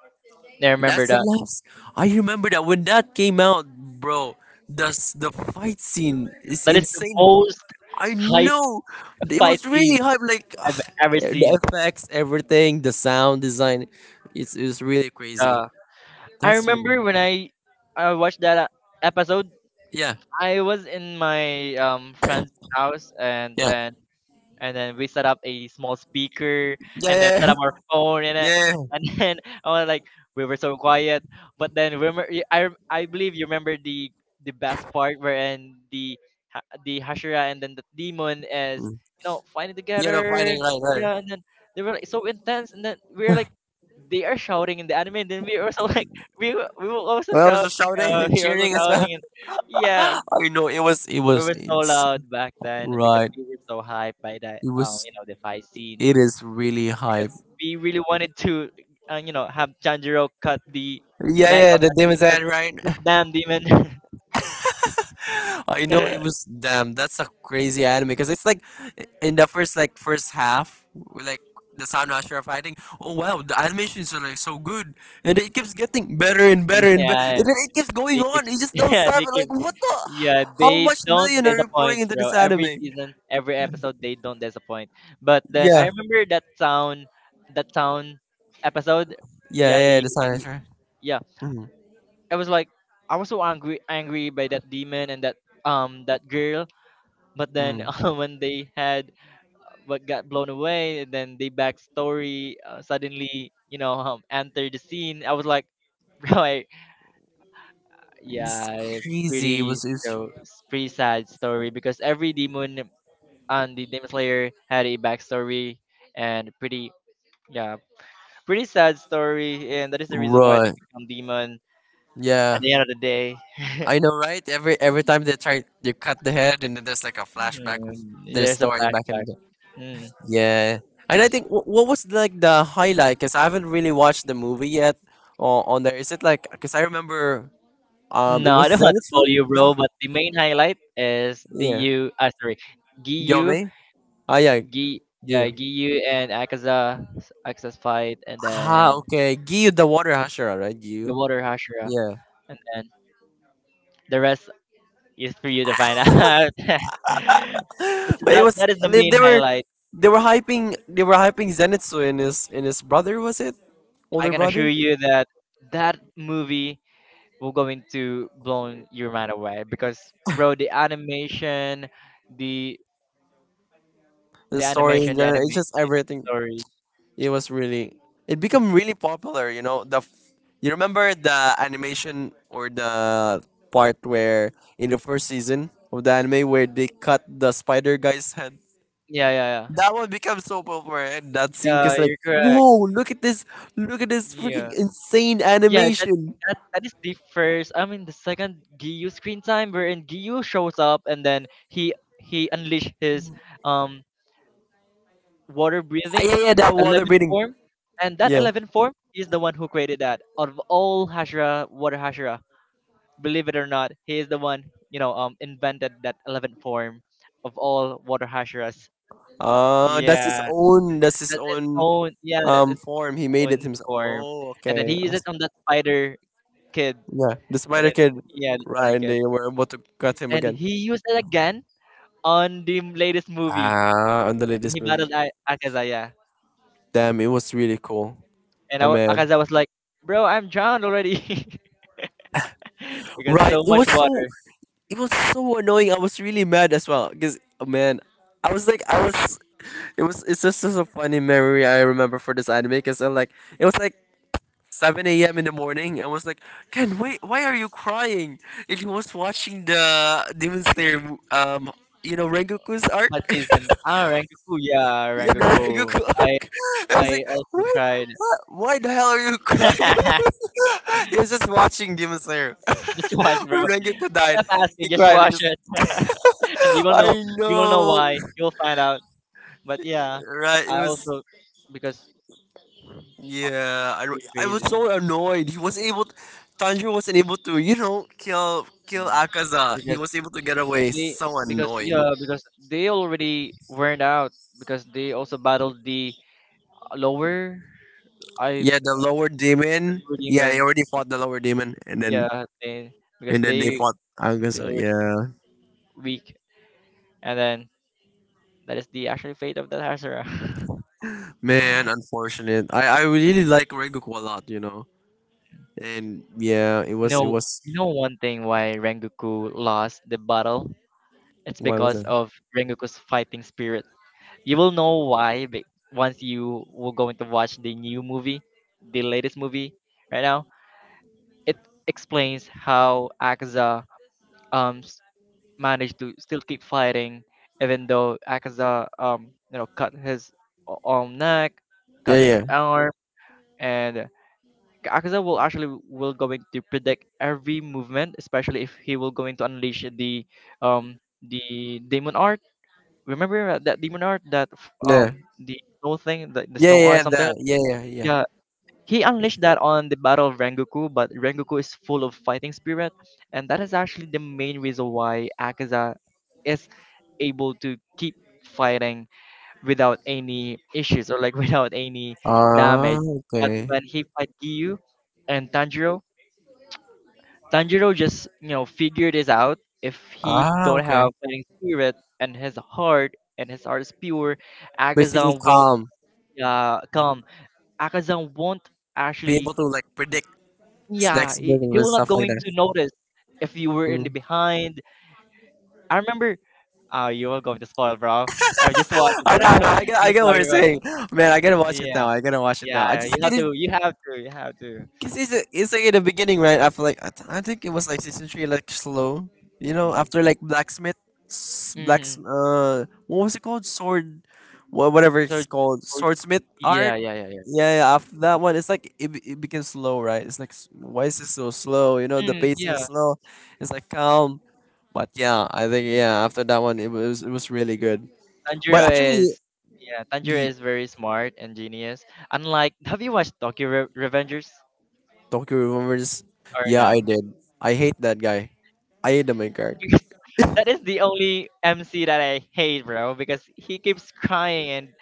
Speaker 2: I remember
Speaker 1: That's the
Speaker 2: that.
Speaker 1: last. I remember that when that came out, bro. The the fight scene is
Speaker 2: That is the
Speaker 1: insane.
Speaker 2: most
Speaker 1: I
Speaker 2: hyped
Speaker 1: know, it
Speaker 2: fight
Speaker 1: was really
Speaker 2: scene
Speaker 1: hype. Like,
Speaker 2: I've
Speaker 1: ugh,
Speaker 2: ever
Speaker 1: the
Speaker 2: seen.
Speaker 1: effects, everything, the sound design. It's really crazy.
Speaker 2: Yeah. I
Speaker 1: That's studio.
Speaker 2: remember when I watched that episode,
Speaker 1: Yeah,
Speaker 2: I was in my friend's house, and
Speaker 1: yeah,
Speaker 2: and then we set up a small speaker, and then
Speaker 1: yeah, yeah, yeah.
Speaker 2: set up our phone in it,
Speaker 1: Yeah.
Speaker 2: and then I was like, we were so quiet. But then remember I believe you remember the best part wherein the the Hashira and then the demon is,
Speaker 1: Mm.
Speaker 2: you know, fighting
Speaker 1: You know,
Speaker 2: together.
Speaker 1: fighting, right, right.
Speaker 2: Yeah, and then they were like so intense, and then we were like, they are shouting in the anime, and then we were also like, we were also
Speaker 1: When I was just
Speaker 2: shouting,
Speaker 1: shouting and
Speaker 2: we were also
Speaker 1: cheering as well.
Speaker 2: shouting, and yeah,
Speaker 1: I know, it was it
Speaker 2: we
Speaker 1: was
Speaker 2: were so
Speaker 1: it's
Speaker 2: loud back then because
Speaker 1: right.
Speaker 2: we were so hyped by that,
Speaker 1: It was
Speaker 2: you know, the fight scene,
Speaker 1: it is really
Speaker 2: because
Speaker 1: hype.
Speaker 2: we really wanted to, you know, have Tanjiro cut the
Speaker 1: Yeah,
Speaker 2: neck
Speaker 1: yeah,
Speaker 2: of
Speaker 1: the
Speaker 2: that
Speaker 1: Demon's
Speaker 2: demon,
Speaker 1: End, right?
Speaker 2: that damn demon.
Speaker 1: I know, it was damn. That's a crazy anime because it's like in the first, like, first half, like, the Sound Master are fighting. Oh wow, the animations are like so good, and it keeps getting better and better and better.
Speaker 2: Yeah,
Speaker 1: And then it keeps going
Speaker 2: they keep,
Speaker 1: on. It just don't
Speaker 2: yeah,
Speaker 1: stop.
Speaker 2: they
Speaker 1: And
Speaker 2: keep,
Speaker 1: like what the?
Speaker 2: yeah,
Speaker 1: How
Speaker 2: they
Speaker 1: much
Speaker 2: don't
Speaker 1: million are you putting
Speaker 2: disappoint,
Speaker 1: into this
Speaker 2: bro. Every
Speaker 1: anime?
Speaker 2: season, every episode, they don't disappoint. But then I
Speaker 1: Yeah,
Speaker 2: remember that town episode.
Speaker 1: yeah,
Speaker 2: Yeah,
Speaker 1: yeah. Yeah, the Sound
Speaker 2: the
Speaker 1: Master.
Speaker 2: yeah.
Speaker 1: Mm-hmm.
Speaker 2: I was like, I was so angry by that demon and that that girl. But then
Speaker 1: Mm-hmm.
Speaker 2: when they had what got blown away, and then the backstory suddenly, you know, entered the scene. I was like, bro, I,
Speaker 1: It's
Speaker 2: yeah,
Speaker 1: crazy. It
Speaker 2: pretty
Speaker 1: was it's
Speaker 2: so pretty sad story, because every demon on the Demon Slayer had a backstory, and yeah pretty sad story, and that is the reason why they
Speaker 1: right.
Speaker 2: become demon at
Speaker 1: Yeah,
Speaker 2: the end of the day.
Speaker 1: I know, right? Every time they try, they cut the head, and then there's like a flashback of
Speaker 2: Mm,
Speaker 1: their
Speaker 2: there's a
Speaker 1: story back in
Speaker 2: flashback.
Speaker 1: the
Speaker 2: Mm.
Speaker 1: yeah. And I think what was like the highlight? Cause I haven't really watched the movie yet. On there, is it like? Cause I remember, it
Speaker 2: No, I
Speaker 1: was
Speaker 2: don't want to
Speaker 1: Zenitsu.
Speaker 2: spoil you, bro.
Speaker 1: The,
Speaker 2: But the main highlight is
Speaker 1: yeah,
Speaker 2: DU. Ah, sorry, Giyu,
Speaker 1: Yome. Ah, yeah,
Speaker 2: Gi, yeah,
Speaker 1: Gyu.
Speaker 2: Giyu and Akaza, Akaza's fight, and
Speaker 1: Ah,
Speaker 2: then
Speaker 1: okay, Gyu, the water Hashira, right?
Speaker 2: the
Speaker 1: Gyu.
Speaker 2: Water Hashira,
Speaker 1: Yeah.
Speaker 2: and then the rest is for you to find out. But
Speaker 1: But it
Speaker 2: that
Speaker 1: was
Speaker 2: that is the
Speaker 1: they
Speaker 2: main
Speaker 1: were
Speaker 2: highlight.
Speaker 1: they were hyping, they were hyping Zenitsu and his brother, was it
Speaker 2: I
Speaker 1: older
Speaker 2: can
Speaker 1: brother,
Speaker 2: assure you that that movie will going to blow your mind away because, bro, the animation, the
Speaker 1: the
Speaker 2: the
Speaker 1: story in
Speaker 2: animation, the
Speaker 1: general,
Speaker 2: anime,
Speaker 1: it's just
Speaker 2: yeah,
Speaker 1: everything.
Speaker 2: story,
Speaker 1: It was really, it became really popular, you know, the you remember the animation or the part where in the first season of the anime where they cut the spider guy's head?
Speaker 2: yeah, yeah, yeah.
Speaker 1: That one becomes so popular, and that scene
Speaker 2: Yeah,
Speaker 1: is like,
Speaker 2: you're correct.
Speaker 1: whoa, look at this, look at this freaking
Speaker 2: Yeah.
Speaker 1: insane
Speaker 2: Yeah, that
Speaker 1: animation.
Speaker 2: that is the first I mean the second Giyu screen time wherein Giyu shows up, and then he unleashed his um water
Speaker 1: Ah,
Speaker 2: breathing
Speaker 1: yeah, yeah, that water
Speaker 2: 11
Speaker 1: breathing.
Speaker 2: form. And that
Speaker 1: Yeah.
Speaker 2: 11 form, he is the one who created that. Out of all Hashira water Hashira, believe it or not, he is the one, you know, invented that 11 form of all water Hashiras.
Speaker 1: Ah, that's his
Speaker 2: Yeah.
Speaker 1: own. That's his
Speaker 2: That's his
Speaker 1: own
Speaker 2: own, yeah, that's his
Speaker 1: form. He made it
Speaker 2: own
Speaker 1: himself.
Speaker 2: form,
Speaker 1: Oh,
Speaker 2: and then
Speaker 1: okay.
Speaker 2: he used it on that spider kid,
Speaker 1: Yeah, the
Speaker 2: and
Speaker 1: Spider
Speaker 2: then
Speaker 1: Kid.
Speaker 2: yeah, the
Speaker 1: Right,
Speaker 2: starter
Speaker 1: and
Speaker 2: kid,
Speaker 1: they were about to cut him
Speaker 2: and
Speaker 1: again.
Speaker 2: he used it again on the latest movie
Speaker 1: Ah, underlay
Speaker 2: when
Speaker 1: this
Speaker 2: he
Speaker 1: movie.
Speaker 2: battled Akaza. Yeah,
Speaker 1: Damn, it was really cool.
Speaker 2: and
Speaker 1: Oh man.
Speaker 2: Akaza was like, "Bro, I'm drowned already because
Speaker 1: Right,
Speaker 2: so
Speaker 1: it
Speaker 2: much
Speaker 1: was so.
Speaker 2: water."
Speaker 1: It was so annoying. I was really mad as well. Cause, oh, man, I was like, I was. It was. It's just a funny memory I remember for this anime. Cause I'm like, it was like 7 a.m. in the morning and was like, Ken, wait, why are you crying? And he was watching the Demon Slayer, you know, Rengoku's arc?
Speaker 2: What season? Ah, Rengoku. Yeah,
Speaker 1: Yeah, the
Speaker 2: Rengoku.
Speaker 1: Rengoku arc. I was
Speaker 2: I
Speaker 1: like,
Speaker 2: also
Speaker 1: what?
Speaker 2: cried.
Speaker 1: What? Why the hell are you crying? He was just watching Demon Slayer.
Speaker 2: Just watch, bro.
Speaker 1: When Rengoku died,
Speaker 2: Stop asking.
Speaker 1: he
Speaker 2: Just
Speaker 1: cried
Speaker 2: watch
Speaker 1: because
Speaker 2: it, and you will know.
Speaker 1: I
Speaker 2: You will know
Speaker 1: know.
Speaker 2: why. You will find out. But yeah,
Speaker 1: Right, it
Speaker 2: I
Speaker 1: was
Speaker 2: also because uh,
Speaker 1: yeah, I,
Speaker 2: pretty
Speaker 1: I was
Speaker 2: crazy.
Speaker 1: so annoyed. He wasn't able. Tanjiro wasn't able to, you know, kill
Speaker 2: Mm.
Speaker 1: Akaza. He
Speaker 2: Because
Speaker 1: was able to get away.
Speaker 2: they
Speaker 1: So
Speaker 2: because
Speaker 1: annoying.
Speaker 2: yeah, because they already weren't out, because they also battled the lower I
Speaker 1: Yeah, the lower demon.
Speaker 2: lower
Speaker 1: Yeah, he
Speaker 2: demon.
Speaker 1: already fought the lower demon,
Speaker 2: Yeah, because
Speaker 1: and then they fought
Speaker 2: they
Speaker 1: Akaza.
Speaker 2: already
Speaker 1: Yeah,
Speaker 2: weak, and then that is the actual fate of the Hasura.
Speaker 1: man, unfortunate. I really like Rengoku a lot, you know. And yeah, it was it
Speaker 2: No,
Speaker 1: was.
Speaker 2: you know one thing why Rengoku lost the battle? It's
Speaker 1: Why was
Speaker 2: because
Speaker 1: it?
Speaker 2: of Rengoku's fighting spirit. You will know why be- Once you will going to watch the new movie, the latest movie right now, it explains how Akaza um s- managed to still keep fighting, even though Akaza, you know, cut his neck,
Speaker 1: Yeah,
Speaker 2: cut his
Speaker 1: yeah,
Speaker 2: arm, and Akaza will actually will going to predict every movement, especially if he will going to unleash um the demon art. Remember that that demon art that
Speaker 1: yeah,
Speaker 2: the snow thing, the
Speaker 1: yeah, yeah,
Speaker 2: snow art
Speaker 1: yeah,
Speaker 2: something.
Speaker 1: that, yeah, yeah, yeah.
Speaker 2: Yeah, he unleashed that on the Battle of Rengoku, but Rengoku is full of fighting spirit, and that is actually the main reason why Akaza is able to keep fighting without any issues, or like without any
Speaker 1: Ah,
Speaker 2: damage. But
Speaker 1: okay.
Speaker 2: when he fight Giyu and Tanjiro, Tanjiro just, you know, figured this out. If he
Speaker 1: Ah,
Speaker 2: don't
Speaker 1: okay.
Speaker 2: have fighting spirit, and his heart is pure,
Speaker 1: Basically,
Speaker 2: Akazan won't
Speaker 1: calm.
Speaker 2: come. Akazan won't
Speaker 1: Be
Speaker 2: actually
Speaker 1: able to like predict his
Speaker 2: yeah,
Speaker 1: next move
Speaker 2: he
Speaker 1: and
Speaker 2: will not
Speaker 1: stuff like
Speaker 2: going
Speaker 1: that.
Speaker 2: to notice if you were in the
Speaker 1: Mm.
Speaker 2: behind. I remember. Oh, you are going to spoil, bro. I just watched it,
Speaker 1: I
Speaker 2: bro.
Speaker 1: know, I know. I
Speaker 2: Just
Speaker 1: get
Speaker 2: watch
Speaker 1: what you're
Speaker 2: it, bro.
Speaker 1: saying, man. I gotta watch it
Speaker 2: Yeah,
Speaker 1: now. I gotta watch it now. I
Speaker 2: yeah.
Speaker 1: just
Speaker 2: You have
Speaker 1: couldn't
Speaker 2: to. You have to. You have to.
Speaker 1: because it's like in the beginning, right? After like I think it was like season three, like slow. You know, after
Speaker 2: Mm.
Speaker 1: like blacksmith, s- blacks.
Speaker 2: Hmm.
Speaker 1: What was it called? Whatever
Speaker 2: So,
Speaker 1: it's called,
Speaker 2: so-
Speaker 1: swordsmith
Speaker 2: yeah,
Speaker 1: arc.
Speaker 2: yeah, yeah, yeah.
Speaker 1: Yeah, yeah. After that one, it's like it became slow, right? It's like why is it so slow? You know, the
Speaker 2: Mm,
Speaker 1: pacing is
Speaker 2: yeah.
Speaker 1: slow. It's like calm. But yeah, I think
Speaker 2: Mm.
Speaker 1: yeah, after that one, it was really good. But
Speaker 2: Tanjiro
Speaker 1: actually,
Speaker 2: is. Yeah, Tanjiro
Speaker 1: the
Speaker 2: is very smart and genius. Unlike, have you watched Tokyo Revengers
Speaker 1: Tokyo Revengers,
Speaker 2: or
Speaker 1: yeah, I
Speaker 2: no?
Speaker 1: did. I hate that guy. I hate the main character.
Speaker 2: Because that is the only MC that I hate, bro. Because he keeps crying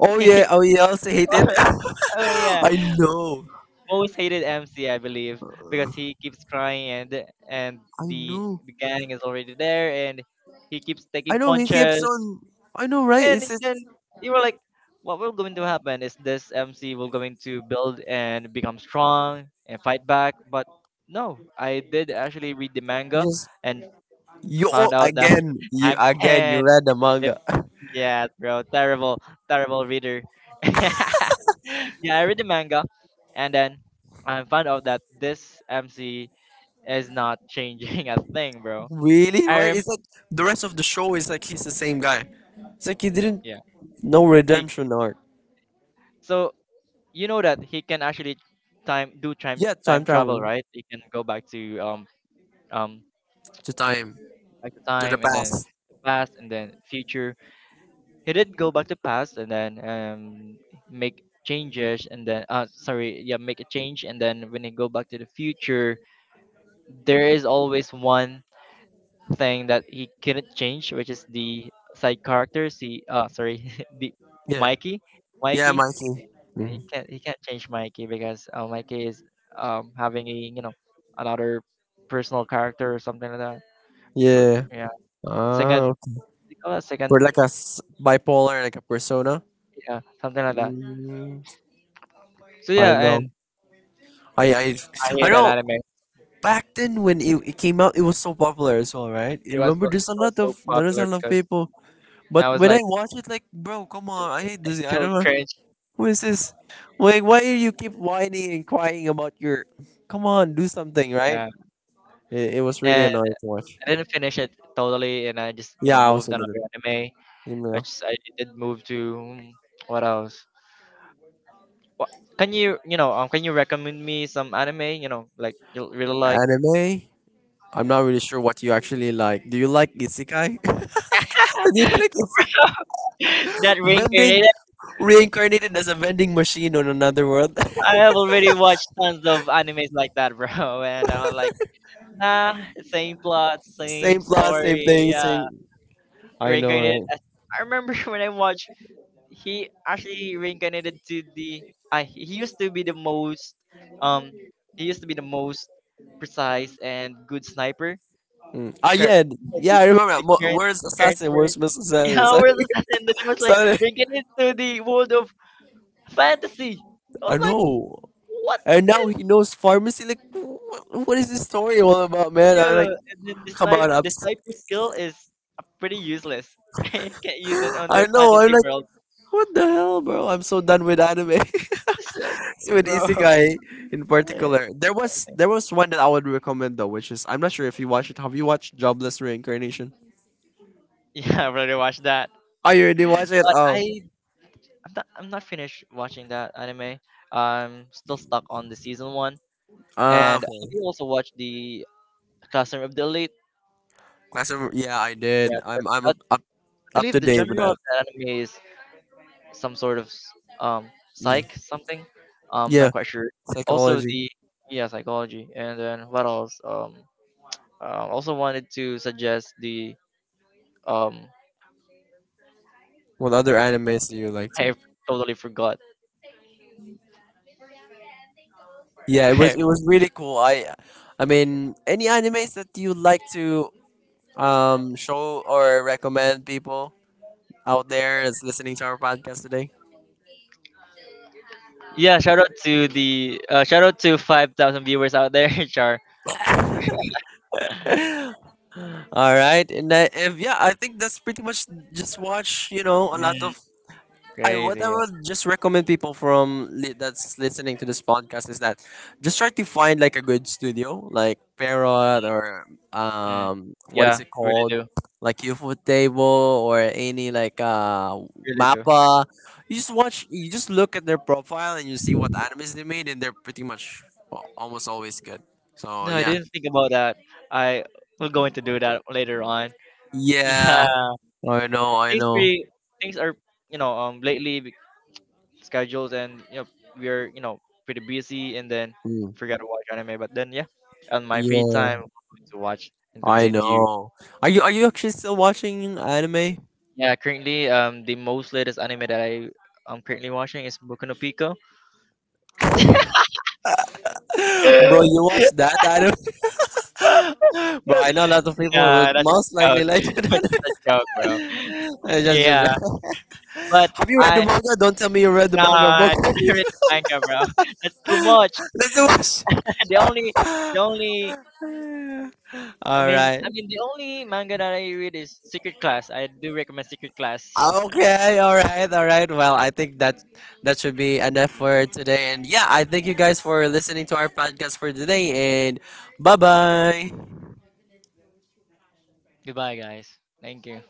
Speaker 1: Oh
Speaker 2: and
Speaker 1: yeah, oh yeah, I also hate it.
Speaker 2: oh yeah,
Speaker 1: I know,
Speaker 2: most hated MC, I believe,
Speaker 1: I
Speaker 2: because he keeps crying and and the
Speaker 1: know,
Speaker 2: the gang is already there, and he keeps taking
Speaker 1: I know. He keeps
Speaker 2: punches,
Speaker 1: on. I know, right?
Speaker 2: and
Speaker 1: It's
Speaker 2: then you were like, what will going to happen is this MC will going to build and become strong and fight back, but no, I did actually read the manga,
Speaker 1: just
Speaker 2: and
Speaker 1: you
Speaker 2: found
Speaker 1: all
Speaker 2: out that
Speaker 1: again. You
Speaker 2: Hang
Speaker 1: again. You
Speaker 2: Ten,
Speaker 1: read the manga.
Speaker 2: yeah, bro. Terrible, terrible reader. Yeah, I read the manga, and then I found out that this MC is not changing a thing, bro.
Speaker 1: Really,
Speaker 2: I
Speaker 1: right?
Speaker 2: rem
Speaker 1: It's like the rest of the show is like he's the same guy. It's like he didn't
Speaker 2: Yeah.
Speaker 1: no
Speaker 2: He
Speaker 1: redemption arc.
Speaker 2: So you know that he can actually time do time
Speaker 1: Yeah, time
Speaker 2: time travel,
Speaker 1: travel
Speaker 2: right? He can go back to um
Speaker 1: to time.
Speaker 2: back to
Speaker 1: To the
Speaker 2: time, and then
Speaker 1: past.
Speaker 2: the past and then future. He did go back to past, and then make changes, and then sorry, yeah, make a change, and then when he go back to the future, there is always one thing that he couldn't change, which is the side characters. Sorry, the
Speaker 1: Yeah.
Speaker 2: Mikey,
Speaker 1: Yeah,
Speaker 2: Mikey.
Speaker 1: Mikey.
Speaker 2: He can't change Mikey because, Mikey is having a, you know, another personal character, or something like that.
Speaker 1: Yeah.
Speaker 2: Yeah,
Speaker 1: Ah,
Speaker 2: second,
Speaker 1: okay.
Speaker 2: you call that second,
Speaker 1: We're like a bipolar, like a persona.
Speaker 2: yeah, something like that.
Speaker 1: Mm,
Speaker 2: So
Speaker 1: I
Speaker 2: yeah,
Speaker 1: know.
Speaker 2: and
Speaker 1: I I
Speaker 2: I
Speaker 1: I
Speaker 2: hate that
Speaker 1: know.
Speaker 2: anime.
Speaker 1: Back then, when it came out, it was so popular as well, right?
Speaker 2: It
Speaker 1: You
Speaker 2: was
Speaker 1: remember, there's
Speaker 2: it
Speaker 1: a
Speaker 2: was
Speaker 1: lot
Speaker 2: so
Speaker 1: of there's a
Speaker 2: popular
Speaker 1: lot of
Speaker 2: because
Speaker 1: people. But
Speaker 2: I was
Speaker 1: when I
Speaker 2: like,
Speaker 1: watch it, like, bro, come on, I hate this.
Speaker 2: it's
Speaker 1: I
Speaker 2: so
Speaker 1: don't know.
Speaker 2: cringe.
Speaker 1: Who is this? Like, why do you keep whining and crying about your? Come on, do something, right?
Speaker 2: Yeah,
Speaker 1: It was really
Speaker 2: and
Speaker 1: annoying to watch.
Speaker 2: I didn't finish it totally, and I just, you
Speaker 1: Yeah,
Speaker 2: know,
Speaker 1: I
Speaker 2: moved
Speaker 1: also did
Speaker 2: another
Speaker 1: an
Speaker 2: anime,
Speaker 1: email
Speaker 2: which I did move to. Mm, what else? What can you, you know, can you recommend me some anime, you know, like you really like?
Speaker 1: anime. I'm not really sure what you actually like. Do you like isekai? Do you like isekai?
Speaker 2: That
Speaker 1: Vending
Speaker 2: reincarnated?
Speaker 1: reincarnated as a vending machine on another world.
Speaker 2: I have already watched tons of animes like that, bro, and I was like, nah, same plot, same
Speaker 1: Same plot, same
Speaker 2: story,
Speaker 1: thing,
Speaker 2: yeah,
Speaker 1: same. I know,
Speaker 2: reincarnated.
Speaker 1: right?
Speaker 2: I remember when I watched he actually reincarnated to the he used to be the most um he used to be the most precise and good sniper.
Speaker 1: Mm. Ah,
Speaker 2: cur-
Speaker 1: yeah, yeah.
Speaker 2: the,
Speaker 1: I remember
Speaker 2: the
Speaker 1: that. Mo-
Speaker 2: current
Speaker 1: Where's
Speaker 2: current
Speaker 1: assassin?
Speaker 2: word,
Speaker 1: Where's Miss Assassin?
Speaker 2: yeah, world
Speaker 1: Suddenly-
Speaker 2: assassin, the name was like
Speaker 1: suddenly-
Speaker 2: reincarnated to the world of fantasy. I was
Speaker 1: I
Speaker 2: like,
Speaker 1: know.
Speaker 2: what
Speaker 1: And now
Speaker 2: is
Speaker 1: he knows pharmacy. Like, what is this story all about, man? I'm
Speaker 2: yeah.
Speaker 1: like,
Speaker 2: And then the
Speaker 1: come
Speaker 2: snipe
Speaker 1: on, I'm.
Speaker 2: the
Speaker 1: So-
Speaker 2: sniper skill is, pretty useless. Can't use it on
Speaker 1: I
Speaker 2: the
Speaker 1: know. I'm
Speaker 2: fantasy
Speaker 1: like,
Speaker 2: world.
Speaker 1: what the hell, bro? I'm so done with anime.
Speaker 2: So,
Speaker 1: With
Speaker 2: bro.
Speaker 1: isekai in particular. There was one that I would recommend though, which is I'm not sure if you watched it. Have you watched Jobless Reincarnation?
Speaker 2: Yeah, I've already watched that,
Speaker 1: Oh, you already watched it?
Speaker 2: but
Speaker 1: Oh,
Speaker 2: I'm not finished watching that anime. I'm still stuck on the season one. And have
Speaker 1: okay.
Speaker 2: you also watched the Classroom of the Elite?
Speaker 1: Classroom. Yeah, I
Speaker 2: Yeah,
Speaker 1: did.
Speaker 2: because that, I
Speaker 1: Up to
Speaker 2: believe the
Speaker 1: date with
Speaker 2: genre
Speaker 1: that.
Speaker 2: of that anime is some sort of psych
Speaker 1: Mm.
Speaker 2: something. Not
Speaker 1: Yeah,
Speaker 2: quite sure. Also
Speaker 1: psychology.
Speaker 2: the yeah, psychology, and then what else? Also wanted to suggest the um
Speaker 1: What other animes do you like to?
Speaker 2: I totally forgot.
Speaker 1: Yeah, it was really cool. I mean, any animes that you like to show or recommend people out there that's listening to our podcast today?
Speaker 2: Yeah, shout out to the shout out to 5,000 viewers out there, Char.
Speaker 1: All right, and, I, if, yeah, I think that's pretty much just watch. You know, a lot
Speaker 2: Mm,
Speaker 1: of I what
Speaker 2: crazy.
Speaker 1: I
Speaker 2: Yeah.
Speaker 1: would just recommend people from that's listening to this podcast is that just try to find like a good studio, like Parrot, or
Speaker 2: Mm.
Speaker 1: what is
Speaker 2: Yeah,
Speaker 1: it
Speaker 2: really
Speaker 1: called,
Speaker 2: do.
Speaker 1: like UFO Table or any like
Speaker 2: Really do.
Speaker 1: Mappa. You just watch, you just look at their profile and you see what animes they made, and they're pretty much well, almost always good. So
Speaker 2: No, I
Speaker 1: yeah,
Speaker 2: didn't think about that. I will going to do that later on.
Speaker 1: yeah,
Speaker 2: Yeah.
Speaker 1: I know, I
Speaker 2: Things
Speaker 1: know.
Speaker 2: pretty Things are, you know, lately, schedules and, you know, we're, you know, pretty busy, and then
Speaker 1: Hmm.
Speaker 2: forgot to watch anime, but then yeah, on my free time
Speaker 1: Yeah,
Speaker 2: I'm going to watch and
Speaker 1: I
Speaker 2: continue.
Speaker 1: know. Are you actually still watching anime?
Speaker 2: Yeah, currently the most latest anime that I'm currently watching is Boku no Pico.
Speaker 1: Bro, you watch that anime? Bro, I know a lot of people would
Speaker 2: Nah, that's
Speaker 1: most
Speaker 2: a joke.
Speaker 1: likely like
Speaker 2: That's
Speaker 1: it.
Speaker 2: a joke, bro.
Speaker 1: Uh, just- just-
Speaker 2: Yeah.
Speaker 1: just-
Speaker 2: But
Speaker 1: Have you read the
Speaker 2: I
Speaker 1: manga? Don't tell me you read the
Speaker 2: no,
Speaker 1: manga book.
Speaker 2: I didn't read the manga, bro. That's too much.
Speaker 1: Let's do watch.
Speaker 2: The only, the only,
Speaker 1: All right.
Speaker 2: I mean, the only manga that I read is Secret Class. I do recommend Secret Class.
Speaker 1: Okay. All right. All right. Well, I think that that should be enough for today. And yeah, I thank you guys for listening to our podcast for today. And bye bye.
Speaker 2: Goodbye, guys. Thank you.